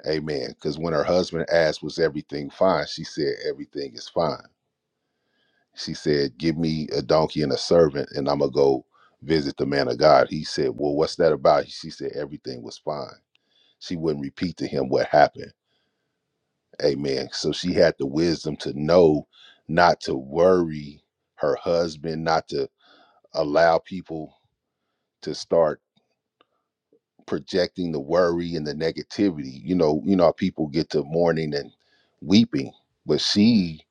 Speaker 4: Amen. Because when her husband asked, Was everything fine? She said, Everything is fine. She said, Give me a donkey and a servant, and I'm going to go visit the man of God. He said, Well, what's that about? She said, Everything was fine. She wouldn't repeat to him what happened. Amen. So she had the wisdom to know not to worry her husband, not to allow people to start projecting the worry and the negativity. You know, you know, people get to mourning and weeping, but she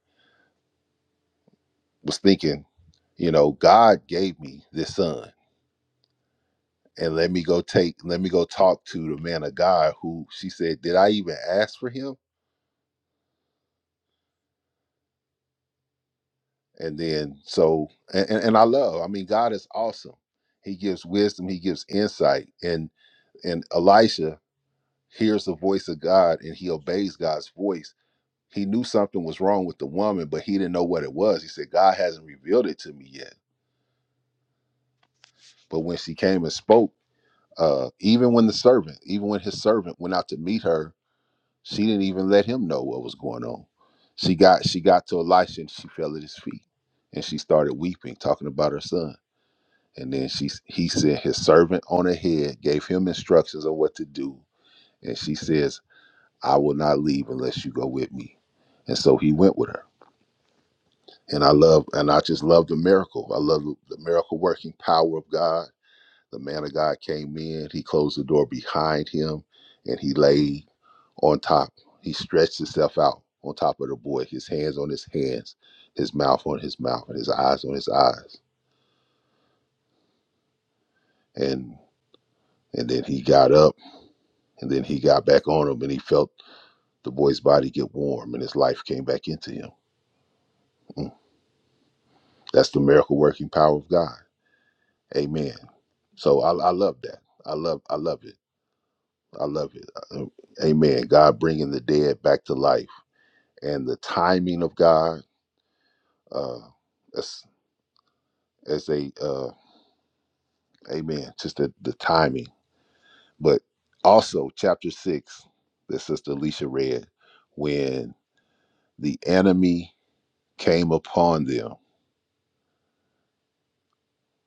Speaker 4: was thinking, you know, God gave me this son. And let me go take, let me go talk to the man of God who she said, Did I even ask for him? And then so and, and and I love, I mean, God is awesome. He gives wisdom, he gives insight. And and Elisha hears the voice of God and he obeys God's voice He knew something was wrong with the woman, but he didn't know what it was. He said, God hasn't revealed it to me yet. But when she came and spoke, uh, even when the servant, even when his servant went out to meet her, she didn't even let him know what was going on. She got she got to Elisha and she fell at his feet and she started weeping, talking about her son. And then she he sent his servant on ahead, gave him instructions on what to do. And she says, I will not leave unless you go with me. And so he went with her. And I love, and I just love the miracle. I love the miracle working power of God. The man of God came in, he closed the door behind him, and he lay on top. He stretched himself out on top of the boy, his hands on his hands, his mouth on his mouth, and his eyes on his eyes. And and then he got up, and then he got back on him, and he felt the boy's body get warm, and his life came back into him. Mm. That's the miracle working power of God. Amen. So I, I love that. I love I love it I love it. Uh, Amen. God bringing the dead back to life, and the timing of God, uh, as as a uh, Amen. Just the the timing, but also chapter six that Sister Alicia read, when the enemy came upon them,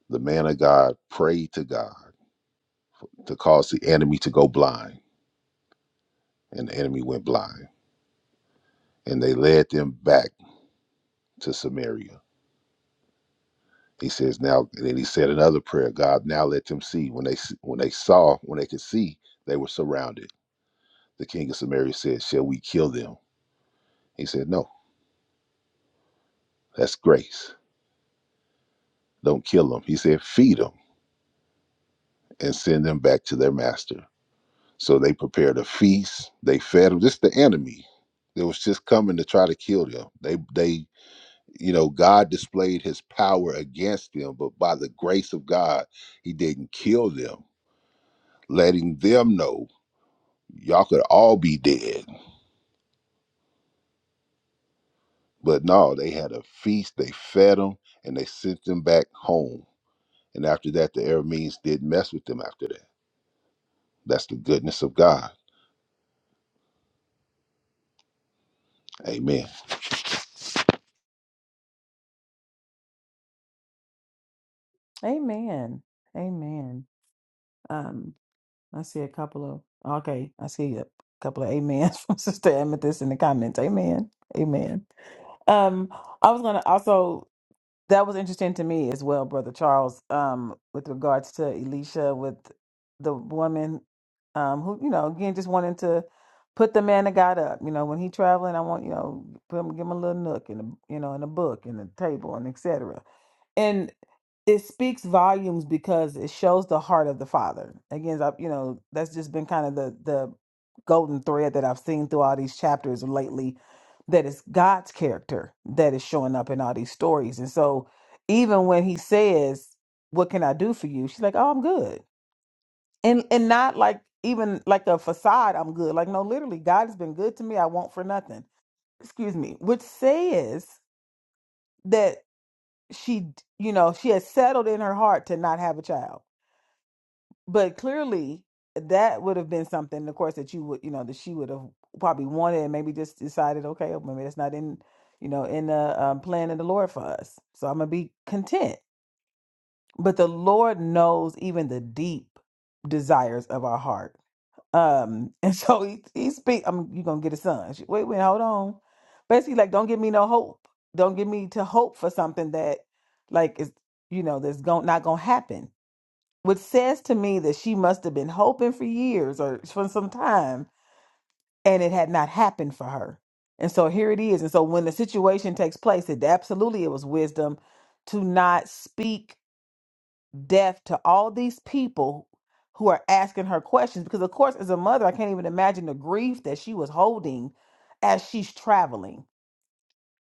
Speaker 4: the man of God prayed to God to cause the enemy to go blind, and the enemy went blind, and they led them back to Samaria He says now, and then he said another prayer. God, now let them see. When they when they saw, when they could see, they were surrounded. The king of Samaria said, "Shall we kill them?" He said, "No, that's grace. Don't kill them." He said, "Feed them and send them back to their master." So they prepared a feast. They fed them. Just the enemy that was just coming to try to kill them. They they you know God displayed His power against them, but by the grace of God, He didn't kill them, letting them know Y'all could all be dead. But no, they had a feast, they fed them, and they sent them back home. And after that, the Arameans didn't mess with them after that. That's the goodness of God. Amen.
Speaker 1: Amen. Amen. Um I see a couple of okay, I see a couple of amens from Sister Amethyst in the comments. Amen. Amen. Um I was gonna also That was interesting to me as well, Brother Charles, um, with regards to Elisha with the woman um who, you know, again just wanting to put the man of God up. You know, when he traveling, I want, you know, put him give him a little nook and a you know, and a book and a table and etc it speaks volumes because it shows the heart of the father again I- you know that's just been kind of the the golden thread that i've seen through all these chapters lately that it's god's character that is showing up in all these stories and so even when he says what can i do for you she's like oh i'm good and and not like even like a facade i'm good like no literally god has been good to me i want for nothing excuse me which says that she you know she has settled in her heart to not have a child but clearly that would have been something of course that you would you know that she would have probably wanted and maybe just decided okay well, maybe that's not in you know in the um, plan of the lord for us so i'm gonna be content but the lord knows even the deep desires of our heart um and so he, he speak i'm you're gonna get a son She- wait wait hold on basically like don't give me no hope don't give me to hope for something that like is you know that's going not gonna happen which says to me that she must have been hoping for years or for some time and it had not happened for her. And so here it is. And so when the situation takes place, it absolutely it was wisdom to not speak death to all these people who are asking her questions because of course as a mother, I can't even imagine the grief that she was holding as she's traveling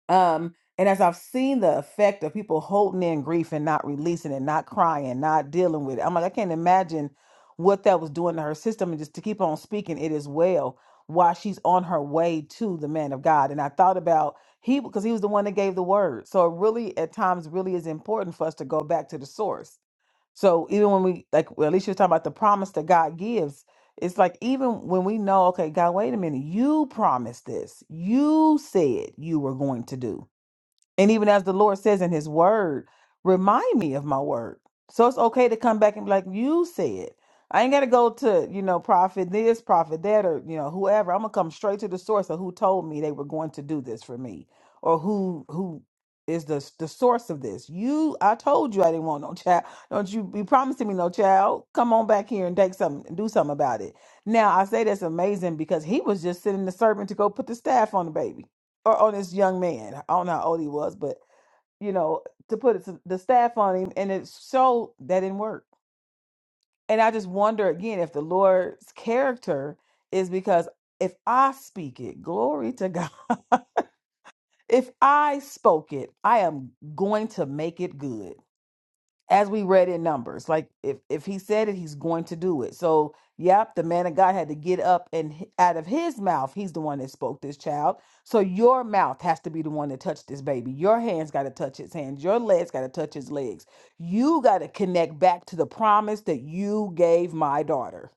Speaker 1: um, and as I've seen the effect of people holding in grief and not releasing it, not crying, not dealing with it, I'm like, I can't imagine what that was doing to her system. And just to keep on speaking, it is well while she's on her way to the man of God. And I thought about he because he was the one that gave the word. So it really at times really is important for us to go back to the source. So even when we like well, at least you're talking about the promise that God gives, it's like even when we know, okay, God, wait a minute, you promised this. You said you were going to do. And even as the Lord says in his word, remind me of my word. So it's okay to come back and be like, you said. I ain't gotta go to, you know, prophet this, prophet that, or you know, whoever. I'm gonna come straight to the source of who told me they were going to do this for me. Or who who is the the source of this. You I told you I didn't want no child. Don't you be promising me no child. Come on back here and take something and do something about it. Now I say that's amazing because he was just sending the servant to go put the staff on the baby or on this young man. I don't know how old he was, but you know, to put it to the staff on him, and it showed that didn't work. And I just wonder again if the Lord's character is because if I speak it, glory to God. If I spoke it, I am going to make it good. as we read in numbers like if if he said it he's going to do it so yep the man of god had to get up and h- out of his mouth he's the one that spoke this child so your mouth has to be the one that touched this baby your hands got to touch his hands your legs got to touch his legs you got to connect back to the promise that you gave my daughter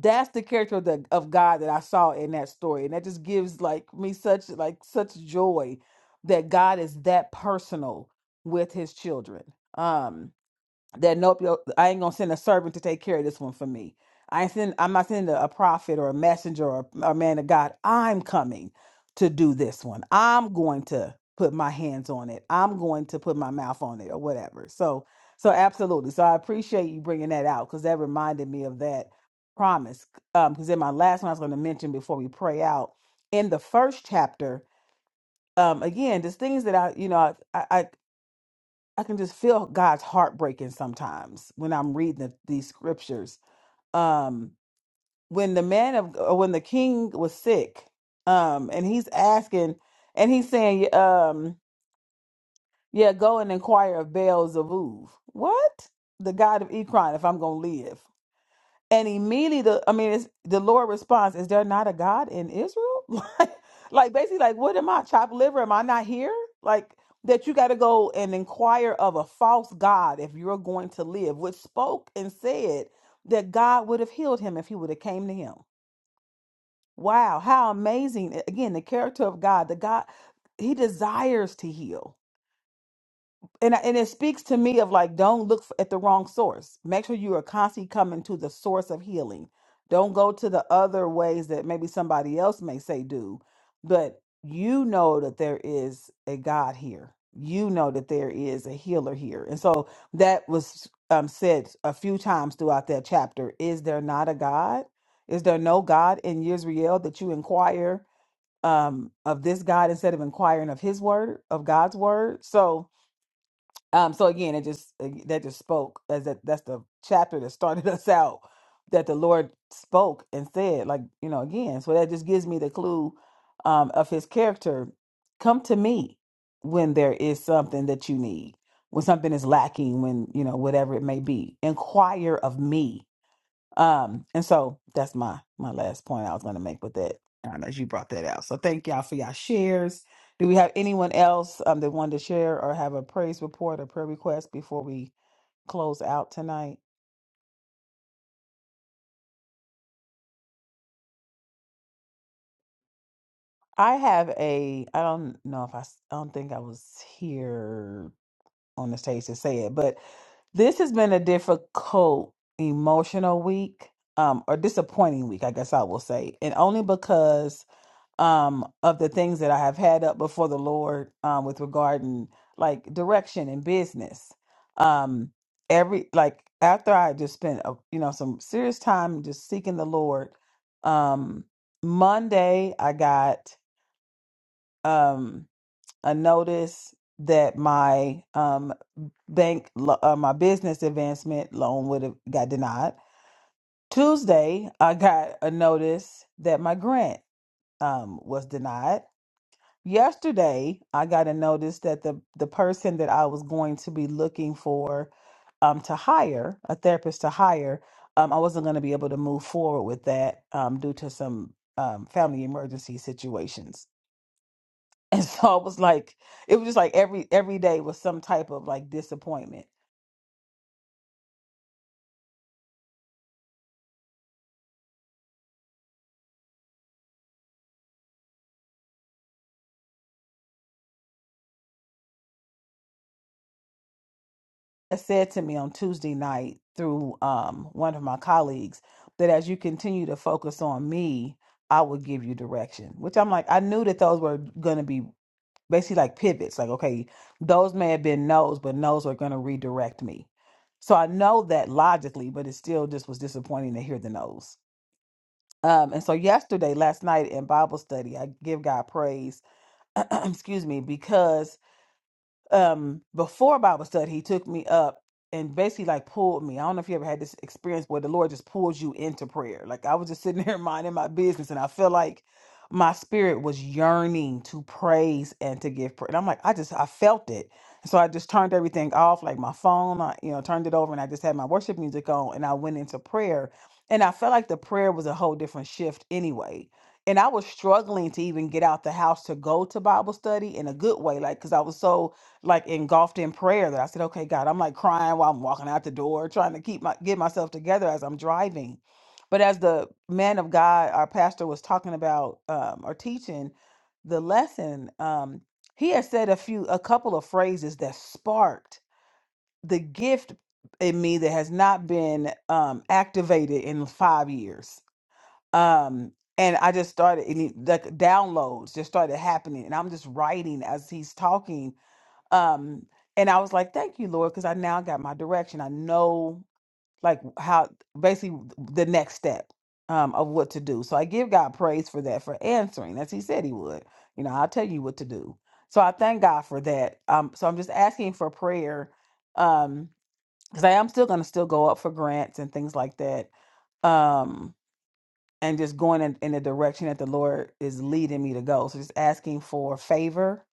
Speaker 1: that's the character of, the, of god that i saw in that story and that just gives like me such like such joy that god is that personal with his children um that nope, yo, I ain't gonna send a servant to take care of this one for me. I ain't send, I'm not sending a prophet or a messenger or a a man of God. I'm coming to do this one. I'm going to put my hands on it. I'm going to put my mouth on it or whatever. So, so absolutely. So I appreciate you bringing that out because that reminded me of that promise. Um, because in my last one, I was going to mention before we pray out in the first chapter. Um, again, just things that I, you know, I, I I can just feel God's heart breaking sometimes when I'm reading the, these scriptures. Um, when the man of uh, when the king was sick, um, and he's asking, and he's saying, "Yeah, um, yeah, go and inquire of Baal Zavuv. What? The God of Ekron, if I'm gonna live. And immediately, the I mean, it's, the Lord responds, "Is there not a God in Israel?" Like, like basically, like, what am I? Chopped liver? Am I not here? Like that? You got to go and inquire of a false god if you're going to live. Which spoke and said that God would have healed him if he would have came to him. Wow, how amazing! Again, the character of God. The God He desires to heal and I- and it speaks to me of like don't look f- at the wrong source make sure you are constantly coming to the source of healing don't go to the other ways that maybe somebody else may say do but you know that there is a god here you know that there is a healer here and so that was um, said a few times throughout that chapter is there not a god is there no god in israel that you inquire um, of this god instead of inquiring of his word of god's word so um, so again, it just that just spoke as that that's the chapter that started us out that the Lord spoke and said, like you know, again. So that just gives me the clue um, of His character. Come to me when there is something that you need, when something is lacking, when you know whatever it may be. Inquire of me um, and so that's my my last point I was going to make with that. I know you brought that out. So thank y'all for y'all shares. Do we have anyone else um, that wanted to share or have a praise report or prayer request before we close out tonight? I have a. I don't know if I. s- I don't think I was here on the stage to say it, but this has been a difficult emotional week, um, or disappointing week, I guess I will say, and only because um of the things that I have had up before the Lord um with regard and like direction and business. Um every like after I just spent a, you know some serious time just seeking the Lord um Monday I got um a notice that my um bank lo- uh, my business advancement loan would have got denied. Tuesday I got a notice that my grant um was denied yesterday I got a notice that the the person that I was going to be looking for um to hire a therapist to hire um I wasn't going to be able to move forward with that um due to some um family emergency situations. And so I was like it was just like every every day was some type of like disappointment. had said to me on Tuesday night through um, one of my colleagues that as you continue to focus on me, I will give you direction, which I'm like, I knew that those were going to be basically like pivots. Like, okay, those may have been no's, but no's are going to redirect me. So I know that logically, but it still just was disappointing to hear the no's. Um, and so yesterday, last night in Bible study, I give God praise, excuse me, because um before Bible study, he took me up and basically like pulled me. I don't know if you ever had this experience where the Lord just pulls you into prayer. Like I was just sitting there minding my business and I feel like my spirit was yearning to praise and to give prayer. And I'm like, I just I felt it. So I just turned everything off, like my phone, I you know, turned it over and I just had my worship music on and I went into prayer. And I felt like the prayer was a whole different shift anyway and I was struggling to even get out the house to go to Bible study in a good way, like because I was so like engulfed in prayer that I said, okay, God, I'm like crying while I'm walking out the door, trying to keep my get myself together as I'm driving. But as the man of God, our pastor was talking about um, or teaching the lesson, um, he had said a few, a couple of phrases that sparked the gift in me that has not been um, activated in five years. Um, and I just started, and he- like downloads just started happening, and I'm just writing as he's talking um and i was like thank you lord because i now got my direction i know like how basically the next step um of what to do so i give god praise for that for answering as he said he would you know i'll tell you what to do so i thank god for that um so i'm just asking for prayer um because i am still going to still go up for grants and things like that Um and just going in, in the direction that the Lord is leading me to go. So just asking for favor,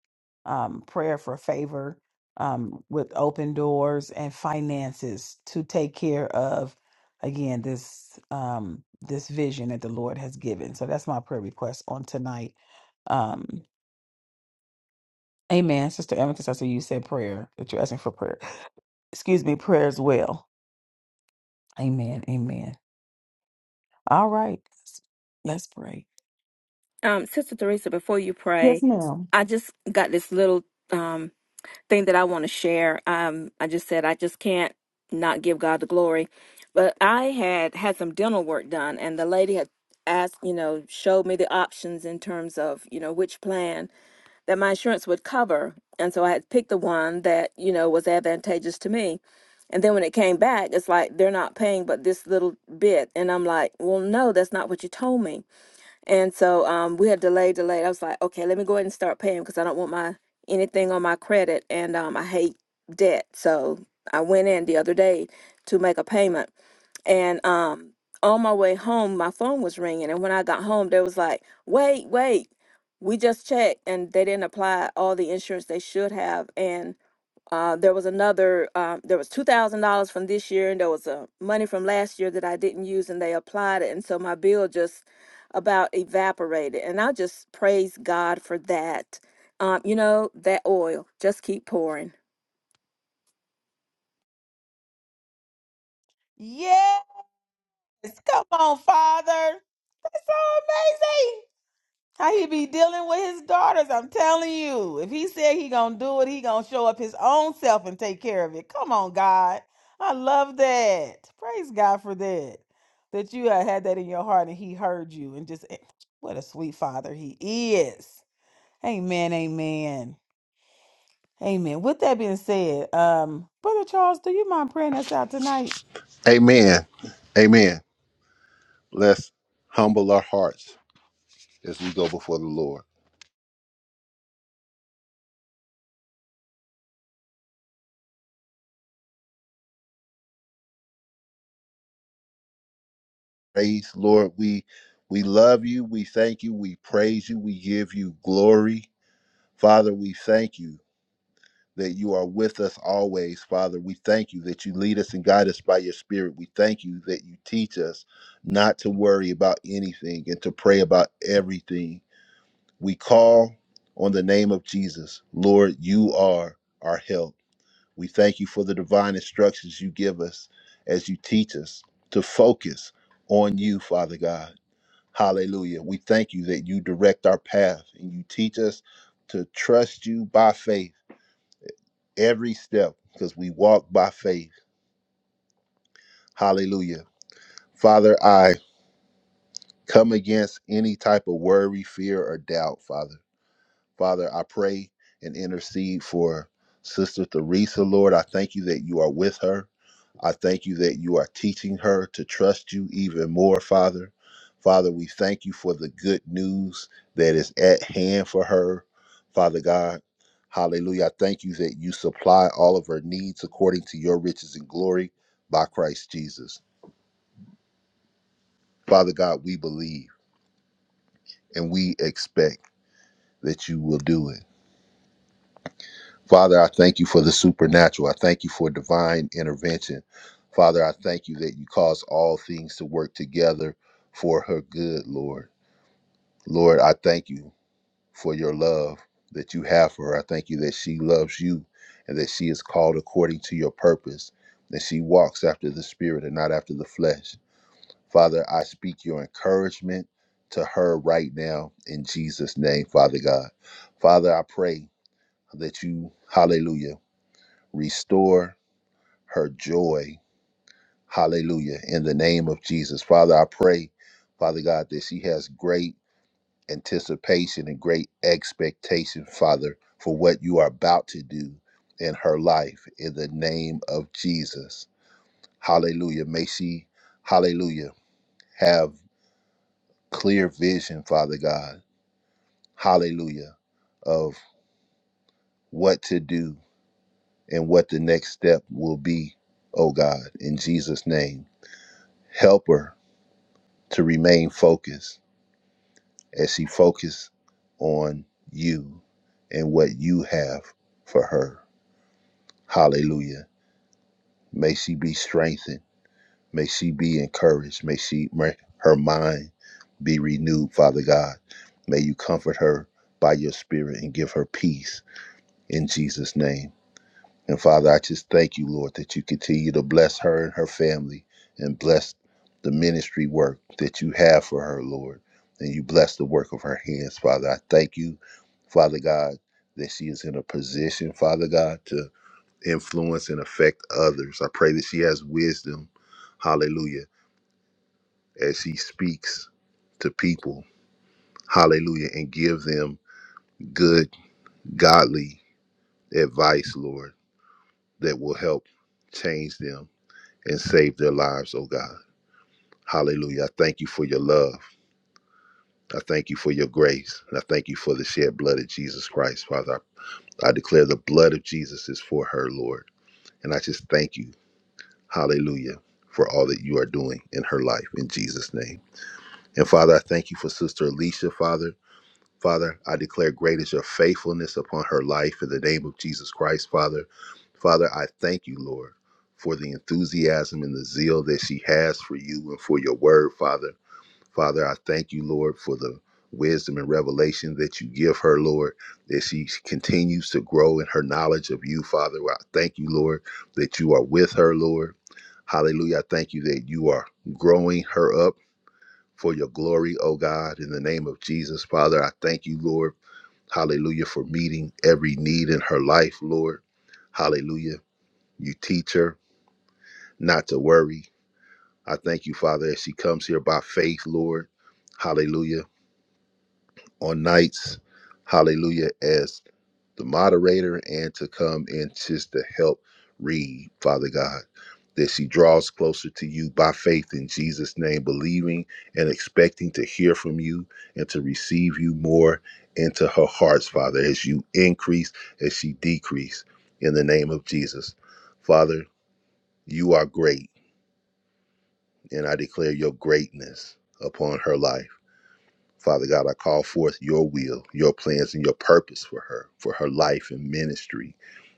Speaker 1: um, prayer for favor um, with open doors and finances to take care of again this um, this vision that the Lord has given. So that's my prayer request on tonight. Um, amen, Sister Amethyst. I see you said prayer that you're asking for prayer. Excuse me, prayer as well. Amen. Amen. All right, let's let's pray.
Speaker 3: Um, Sister Teresa, before you
Speaker 1: Yes,
Speaker 3: pray,
Speaker 1: ma'am.
Speaker 3: I just got this little um thing that I want to share. Um, I just said I just can't not give God the glory, but I had had some dental work done, and the lady had asked, you know, showed me the options in terms of you know which plan that my insurance would cover, and so I had picked the one that you know was advantageous to me. And then when it came back, it's like they're not paying but this little bit. And I'm like, well, no, that's not what you told me. And so um, we had delayed, delayed. I was like, okay, let me go ahead and start paying because I don't want my anything on my credit, and um, I hate debt. So I went in the other day to make a payment, and um, on my way home, my phone was ringing, and when I got home, they was like, wait, wait, we just checked, and they didn't apply all the insurance they should have, and uh, there was another. Uh, there was two thousand dollars from this year, and there was uh, money from last year that I didn't use, and they applied it, and so my bill just about evaporated. And I just praise God for that. Um, you know that oil just keep pouring.
Speaker 1: Yes, Come on, Father. That's so amazing. How he be dealing with his daughters. I'm telling you. If he said he gonna do it, he gonna show up his own self and take care of it. Come on, God. I love that. Praise God for that. That you uh, had that in your heart and he heard you and just eh, what a sweet father he is. Amen. Amen. Amen. With that being said, um, Brother Charles, do you mind praying us out tonight?
Speaker 4: Amen. Amen. Let's humble our hearts as we go before the Lord. Praise, Lord, we we love you, we thank you, we praise you, we give you glory. Father, we thank you. that you are with us always, Father. We thank you that you lead us and guide us by your Spirit. We thank you that you teach us not to worry about anything and to pray about everything. We call on the name of Jesus. Lord, you are our help. We thank you for the divine instructions you give us as you teach us to focus on you, Father God. Hallelujah. We thank you that you direct our path and you teach us to trust you by faith every step because we walk by faith. Hallelujah. Father, I come against any type of worry, fear, or doubt, Father. Father, I pray and intercede for Sister Theresa, Lord. I thank you that you are with her. I thank you that you are teaching her to trust you even more, Father. Father, we thank you for the good news that is at hand for her, Father God. Hallelujah. I thank you that you supply all of her needs according to your riches and glory by Christ Jesus. Father God, we believe and we expect that you will do it. Father, I thank you for the supernatural. I thank you for divine intervention. Father, I thank you that you cause all things to work together for her good, Lord. Lord, I thank you for your love that you have for her. I thank you that she loves you and that she is called according to your purpose, that she walks after the spirit and not after the flesh. Father, I speak your encouragement to her right now in Jesus' name, Father God. Father, I pray that you, hallelujah restore her joy. Hallelujah. In the name of Jesus. Father, I pray, Father God, that she has great anticipation and great expectation, Father, for what you are about to do in her life. In the name of Jesus. Hallelujah. May she, hallelujah, have clear vision, Father God. Hallelujah. Of what to do and what the next step will be, oh God, in Jesus' name. Help her to remain focused as she focused on you and what you have for her. Hallelujah. May she be strengthened. May she be encouraged. May she may her mind be renewed, Father God. May you comfort her by your spirit and give her peace in Jesus' name. And Father, I just thank you, Lord, that you continue to bless her and her family and bless the ministry work that you have for her, Lord. And you bless the work of her hands, Father. I thank you, Father God, that she is in a position, Father God, to influence and affect others. I pray that she has wisdom, hallelujah, as she speaks to people, hallelujah, and give them good, godly advice, Lord, that will help change them and save their lives, oh God. Hallelujah. I thank you for your love. I thank you for your grace. And I thank you for the shed blood of Jesus Christ, Father. I, I declare the blood of Jesus is for her, Lord. And I just thank you, hallelujah, for all that you are doing in her life in Jesus' name. And Father, I thank you for Sister Alicia, Father. Father, I declare great is your faithfulness upon her life in the name of Jesus Christ, Father. Father, I thank you, Lord, for the enthusiasm and the zeal that she has for you and for your word, Father. Father, I thank you, Lord, for the wisdom and revelation that you give her, Lord, that she continues to grow in her knowledge of you, Father. I thank you, Lord, that you are with her, Lord. Hallelujah. I thank you that you are growing her up for your glory, oh God, in the name of Jesus, Father. I thank you, Lord. Hallelujah, for meeting every need in her life, Lord. Hallelujah. You teach her not to worry. I thank you, Father, as she comes here by faith, Lord. Hallelujah on nights, hallelujah, as the moderator and to come and just to help read, Father God, that she draws closer to you by faith in Jesus' name, believing and expecting to hear from you and to receive you more into her hearts, Father, as you increase, as she decrease, in the name of Jesus. Father, you are great, and I declare your greatness upon her life. Father God, I call forth your will, your plans, and your purpose for her, for her life and ministry.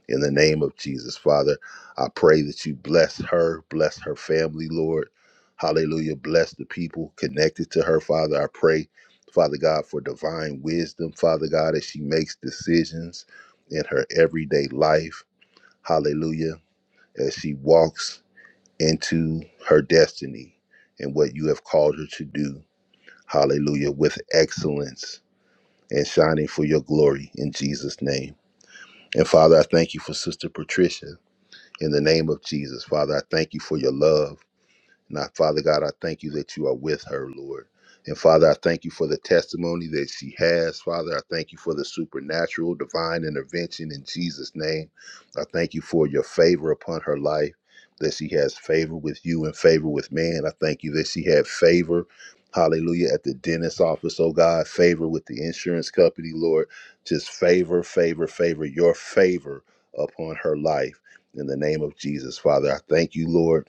Speaker 4: In the name of Jesus, Father, I pray that you bless her, bless her family, Lord. Hallelujah. Bless the people connected to her, Father. I pray, Father God, for divine wisdom, Father God, as she makes decisions in her everyday life. Hallelujah. As she walks into her destiny and what you have called her to do. Hallelujah. With excellence and shining for your glory in Jesus' name. And Father, I thank you for Sister Patricia in the name of Jesus. Father, I thank you for your love. Now, Father God, I thank you that you are with her, Lord. And Father, I thank you for the testimony that she has. Father, I thank you for the supernatural divine intervention in Jesus' name. I thank you for your favor upon her life, that she has favor with you and favor with man. I thank you that she had favor, hallelujah, at the dentist's office, oh God, favor with the insurance company, Lord. Just favor, favor, favor, your favor upon her life. In the name of Jesus, Father, I thank you, Lord.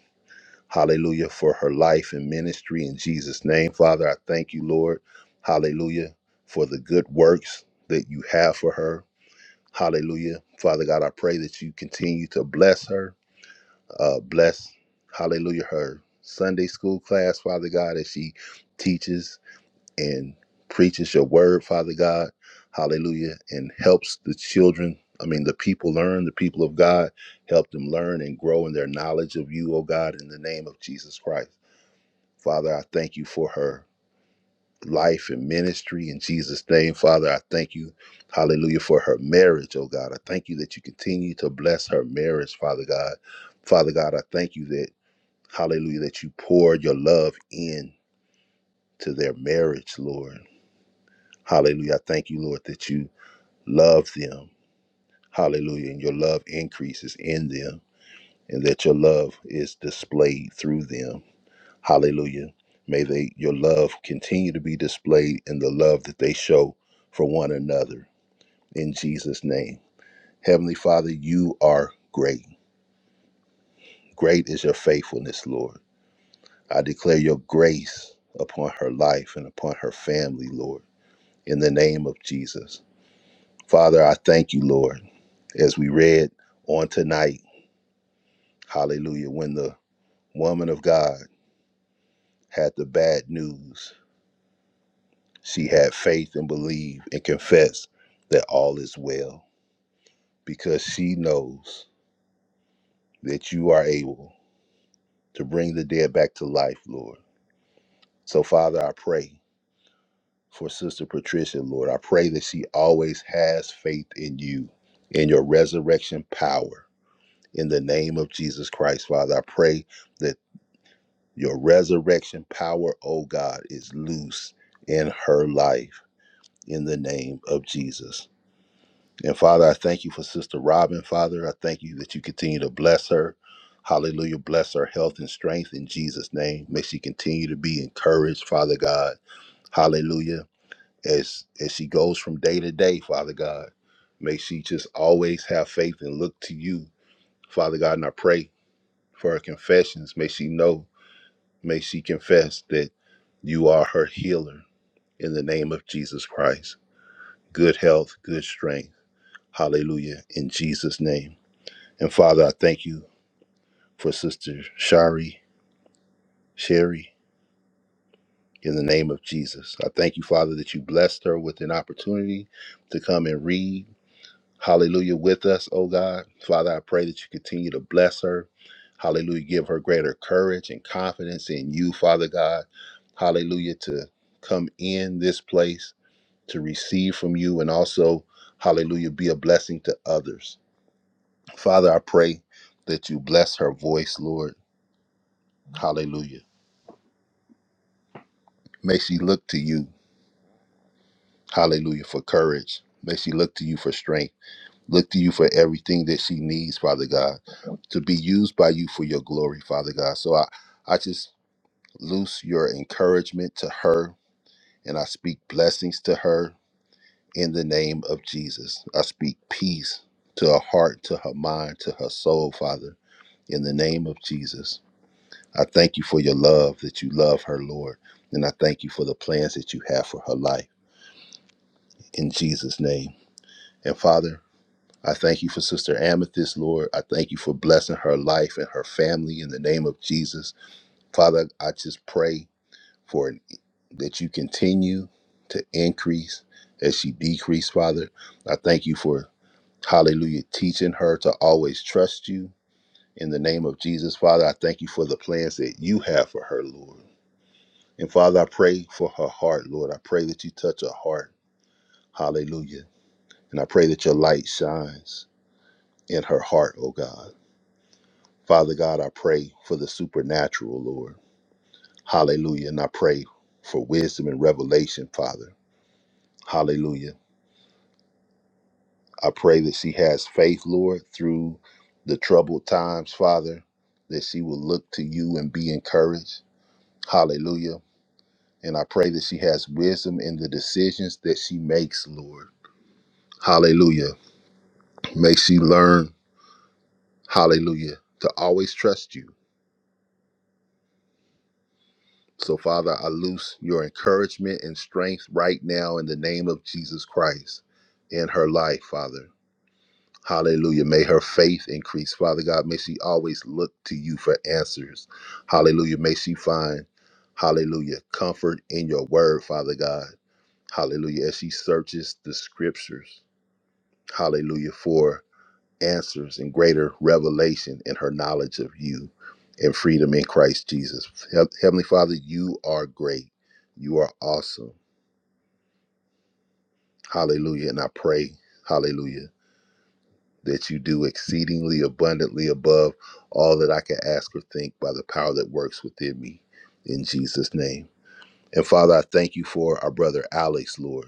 Speaker 4: Hallelujah for her life and ministry in Jesus' name. Father, I thank you, Lord. Hallelujah for the good works that you have for her. Hallelujah. Father God, I pray that you continue to bless her. Uh, bless, hallelujah, her Sunday school class, Father God, as she teaches and preaches your word, Father God. Hallelujah. And helps the children, I mean, the people learn, the people of God, help them learn and grow in their knowledge of you, oh God, in the name of Jesus Christ. Father, I thank you for her life and ministry in Jesus' name. Father, I thank you, hallelujah, for her marriage, oh God. I thank you that you continue to bless her marriage, Father God. Father God, I thank you that, hallelujah, that you poured your love in to their marriage, Lord. Hallelujah. I thank you, Lord, that you love them. Hallelujah. And your love increases in them and that your love is displayed through them. Hallelujah. May they your love continue to be displayed in the love that they show for one another. In Jesus' name. Heavenly Father, you are great. Great is your faithfulness, Lord. I declare your grace upon her life and upon her family, Lord, in the name of Jesus. Father, I thank you, Lord, as we read on tonight. Hallelujah. When the woman of God had the bad news She had faith and believed and confessed that all is well because she knows that you are able to bring the dead back to life, Lord. So, Father, I pray for Sister Patricia, Lord. I pray that she always has faith in you, in your resurrection power. In the name of Jesus Christ, Father, I pray that your resurrection power, oh God, is loose in her life. In the name of Jesus. And Father, I thank you for Sister Robin. Father, I thank you that you continue to bless her. Hallelujah. Bless her health and strength in Jesus' name. May she continue to be encouraged, Father God. Hallelujah. As as she goes from day to day, Father God. May she just always have faith and look to you, Father God. And I pray for her confessions. May she know, may she confess that you are her healer in the name of Jesus Christ. Good health, good strength. Hallelujah. In Jesus' name. And Father, I thank you for Sister Shari, Sherry, in the name of Jesus. I thank you, Father, that you blessed her with an opportunity to come and read. Hallelujah with us, oh God. Father, I pray that you continue to bless her. Hallelujah. Give her greater courage and confidence in you, Father God. Hallelujah. To come in this place to receive from you and also, hallelujah, be a blessing to others. Father, I pray that you bless her voice, Lord. Hallelujah May she look to you, hallelujah, for courage. May she look to you for strength. Look to you for everything that she needs, Father God, to be used by you for your glory, Father God. So I, I just loose your encouragement to her and I speak blessings to her in the name of Jesus. I speak peace to her heart, to her mind, to her soul, Father, in the name of Jesus. I thank you for your love that you love her, Lord. And I thank you for the plans that you have for her life. In Jesus' name. And Father, I thank you for Sister Amethyst, Lord. I thank you for blessing her life and her family in the name of Jesus. Father, I just pray for an, that you continue to increase as she decrease, Father. I thank you for hallelujah teaching her to always trust you in the name of Jesus, Father. I thank you for the plans that you have for her, Lord. And Father, I pray for her heart, Lord. I pray that you touch her heart. Hallelujah. And I pray that your light shines in her heart, oh God. Father God, I pray for the supernatural, Lord. Hallelujah. And I pray for wisdom and revelation, Father. Hallelujah. I pray that she has faith, Lord, through the troubled times, Father, that she will look to you and be encouraged. Hallelujah. And I pray that she has wisdom in the decisions that she makes, Lord. Hallelujah. May she learn, hallelujah, to always trust you So, Father, I loose your encouragement and strength right now in the name of Jesus Christ in her life, Father. Hallelujah. May her faith increase, Father God. May she always look to you for answers. Hallelujah. May she find, hallelujah, comfort in your word, Father God. Hallelujah. As she searches the scriptures, hallelujah, for answers and greater revelation in her knowledge of you and freedom in Christ Jesus. He- Heavenly Father, you are great. You are awesome. Hallelujah. And I pray, hallelujah, that you do exceedingly abundantly above all that I can ask or think by the power that works within me in Jesus' name. And Father, I thank you for our brother Alex, Lord.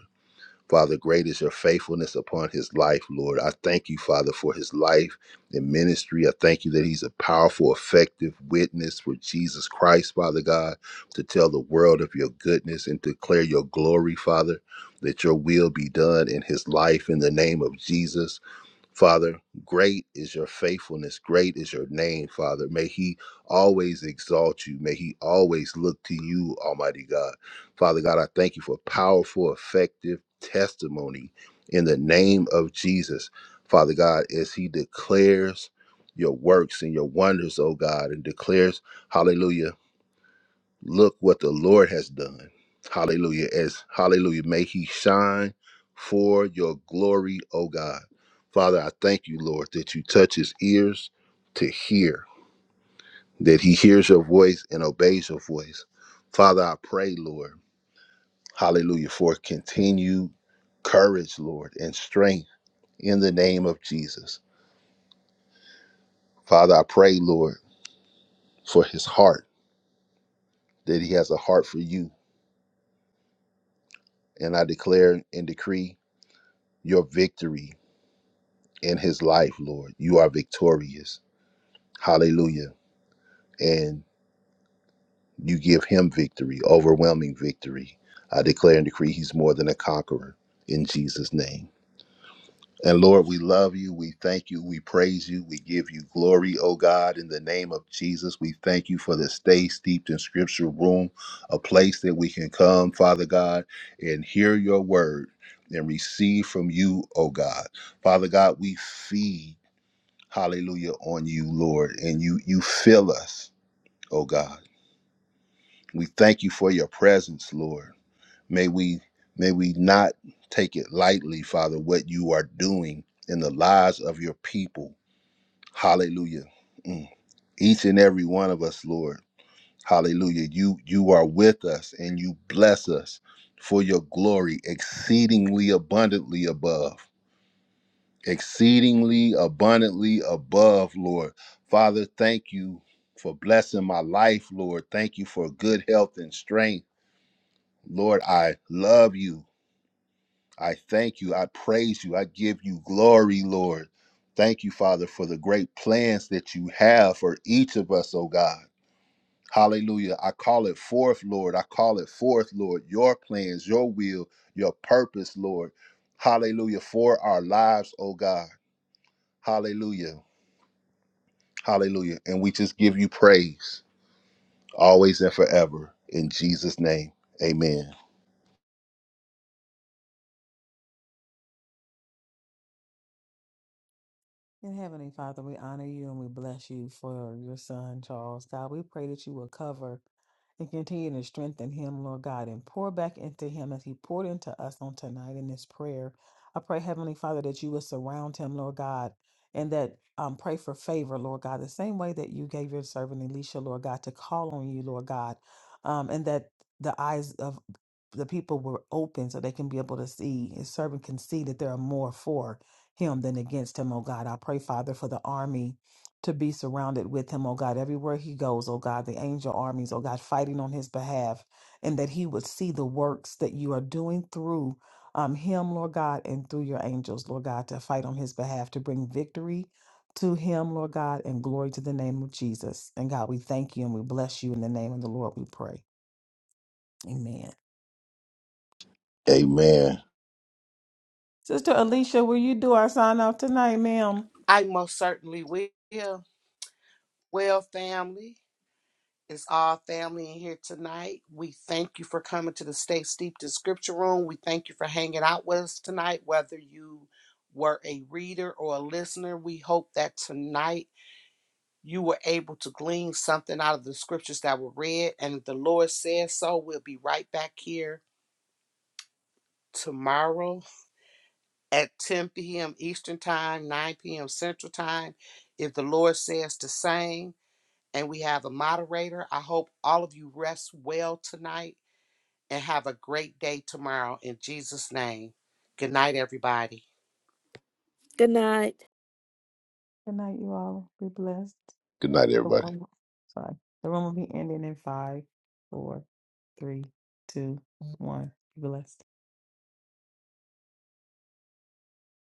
Speaker 4: Father, great is your faithfulness upon his life, Lord. I thank you, Father, for his life and ministry. I thank you that he's a powerful, effective witness for Jesus Christ, Father God, to tell the world of your goodness and declare your glory, Father, that your will be done in his life in the name of Jesus. Father, great is your faithfulness. Great is your name, Father. May he always exalt you. May he always look to you, Almighty God. Father God, I thank you for powerful, effective testimony in the name of Jesus. Father God, as he declares your works and your wonders, oh God, and declares, hallelujah Look what the Lord has done. Hallelujah. As hallelujah, may he shine for your glory, O God. Father, I thank you, Lord, that you touch his ears to hear, that he hears your voice and obeys your voice. Father, I pray, Lord, hallelujah, for continued courage, Lord, and strength in the name of Jesus. Father, I pray, Lord, for his heart, that he has a heart for you. And I declare and decree your victory in his life, Lord. You are victorious. Hallelujah. And you give him victory, overwhelming victory. I declare and decree he's more than a conqueror in Jesus' name. And Lord, we love you. We thank you. We praise you. We give you glory, O God, in the name of Jesus. We thank you for the stay steeped in scripture room, a place that we can come, Father God, and hear your word and receive from you, O God. Father God, we feed. hallelujah, on you, Lord. And you you fill us, oh God. We thank you for your presence, Lord. May we may we not take it lightly, Father, what you are doing in the lives of your people. Hallelujah. Mm. Each and every one of us, Lord. Hallelujah. You you are with us and you bless us for your glory exceedingly abundantly above. exceedingly abundantly above, Lord. Father, thank you for blessing my life, Lord. Thank you for good health and strength. Lord, I love you. I thank you. I praise you. I give you glory, Lord. Thank you, Father, for the great plans that you have for each of us, oh God. Hallelujah. I call it forth, Lord. I call it forth, Lord, your plans, your will, your purpose, Lord. Hallelujah. For our lives, oh God. Hallelujah. Hallelujah. And we just give you praise always and forever. In Jesus' name, amen.
Speaker 1: In Heavenly Father, we honor you and we bless you for your son, Charles. God, we pray that you will cover and continue to strengthen him, Lord God, and pour back into him as he poured into us on tonight in this prayer. I pray, Heavenly Father, that you would surround him, Lord God, and that um, pray for favor, Lord God, the same way that you gave your servant Elisha, Lord God, to call on you, Lord God, um, and that the eyes of the people were open so they can be able to see. His servant can see that there are more for him than against him, oh God. I pray, Father, for the army to be surrounded with him, oh God, everywhere he goes, oh God, the angel armies, oh God, fighting on his behalf, and that he would see the works that you are doing through um, him, Lord God, and through your angels, Lord God, to fight on his behalf, to bring victory to him, Lord God, and glory to the name of Jesus. And God, we thank you and we bless you in the name of the Lord, we pray. Amen.
Speaker 4: Amen.
Speaker 1: Sister Alicia, will you do our sign off tonight, ma'am?
Speaker 2: I most certainly will. Well, family. It's all family in here tonight. We thank you for coming to the Stay Steeped in Scripture Room. We thank you for hanging out with us tonight, whether you were a reader or a listener. We hope that tonight you were able to glean something out of the scriptures that were read. And if the Lord says so, we'll be right back here tomorrow at 10 p.m. Eastern Time, 9 p.m. Central Time. If the Lord says the same, and we have a moderator, I hope all of you rest well tonight and have a great day tomorrow in Jesus' name. Good night, everybody.
Speaker 3: Good night.
Speaker 1: Good night, you all. Be blessed.
Speaker 4: Good night,
Speaker 1: The
Speaker 4: everybody.
Speaker 1: room, sorry, the room will be ending in five, four, three, two, one. Be blessed.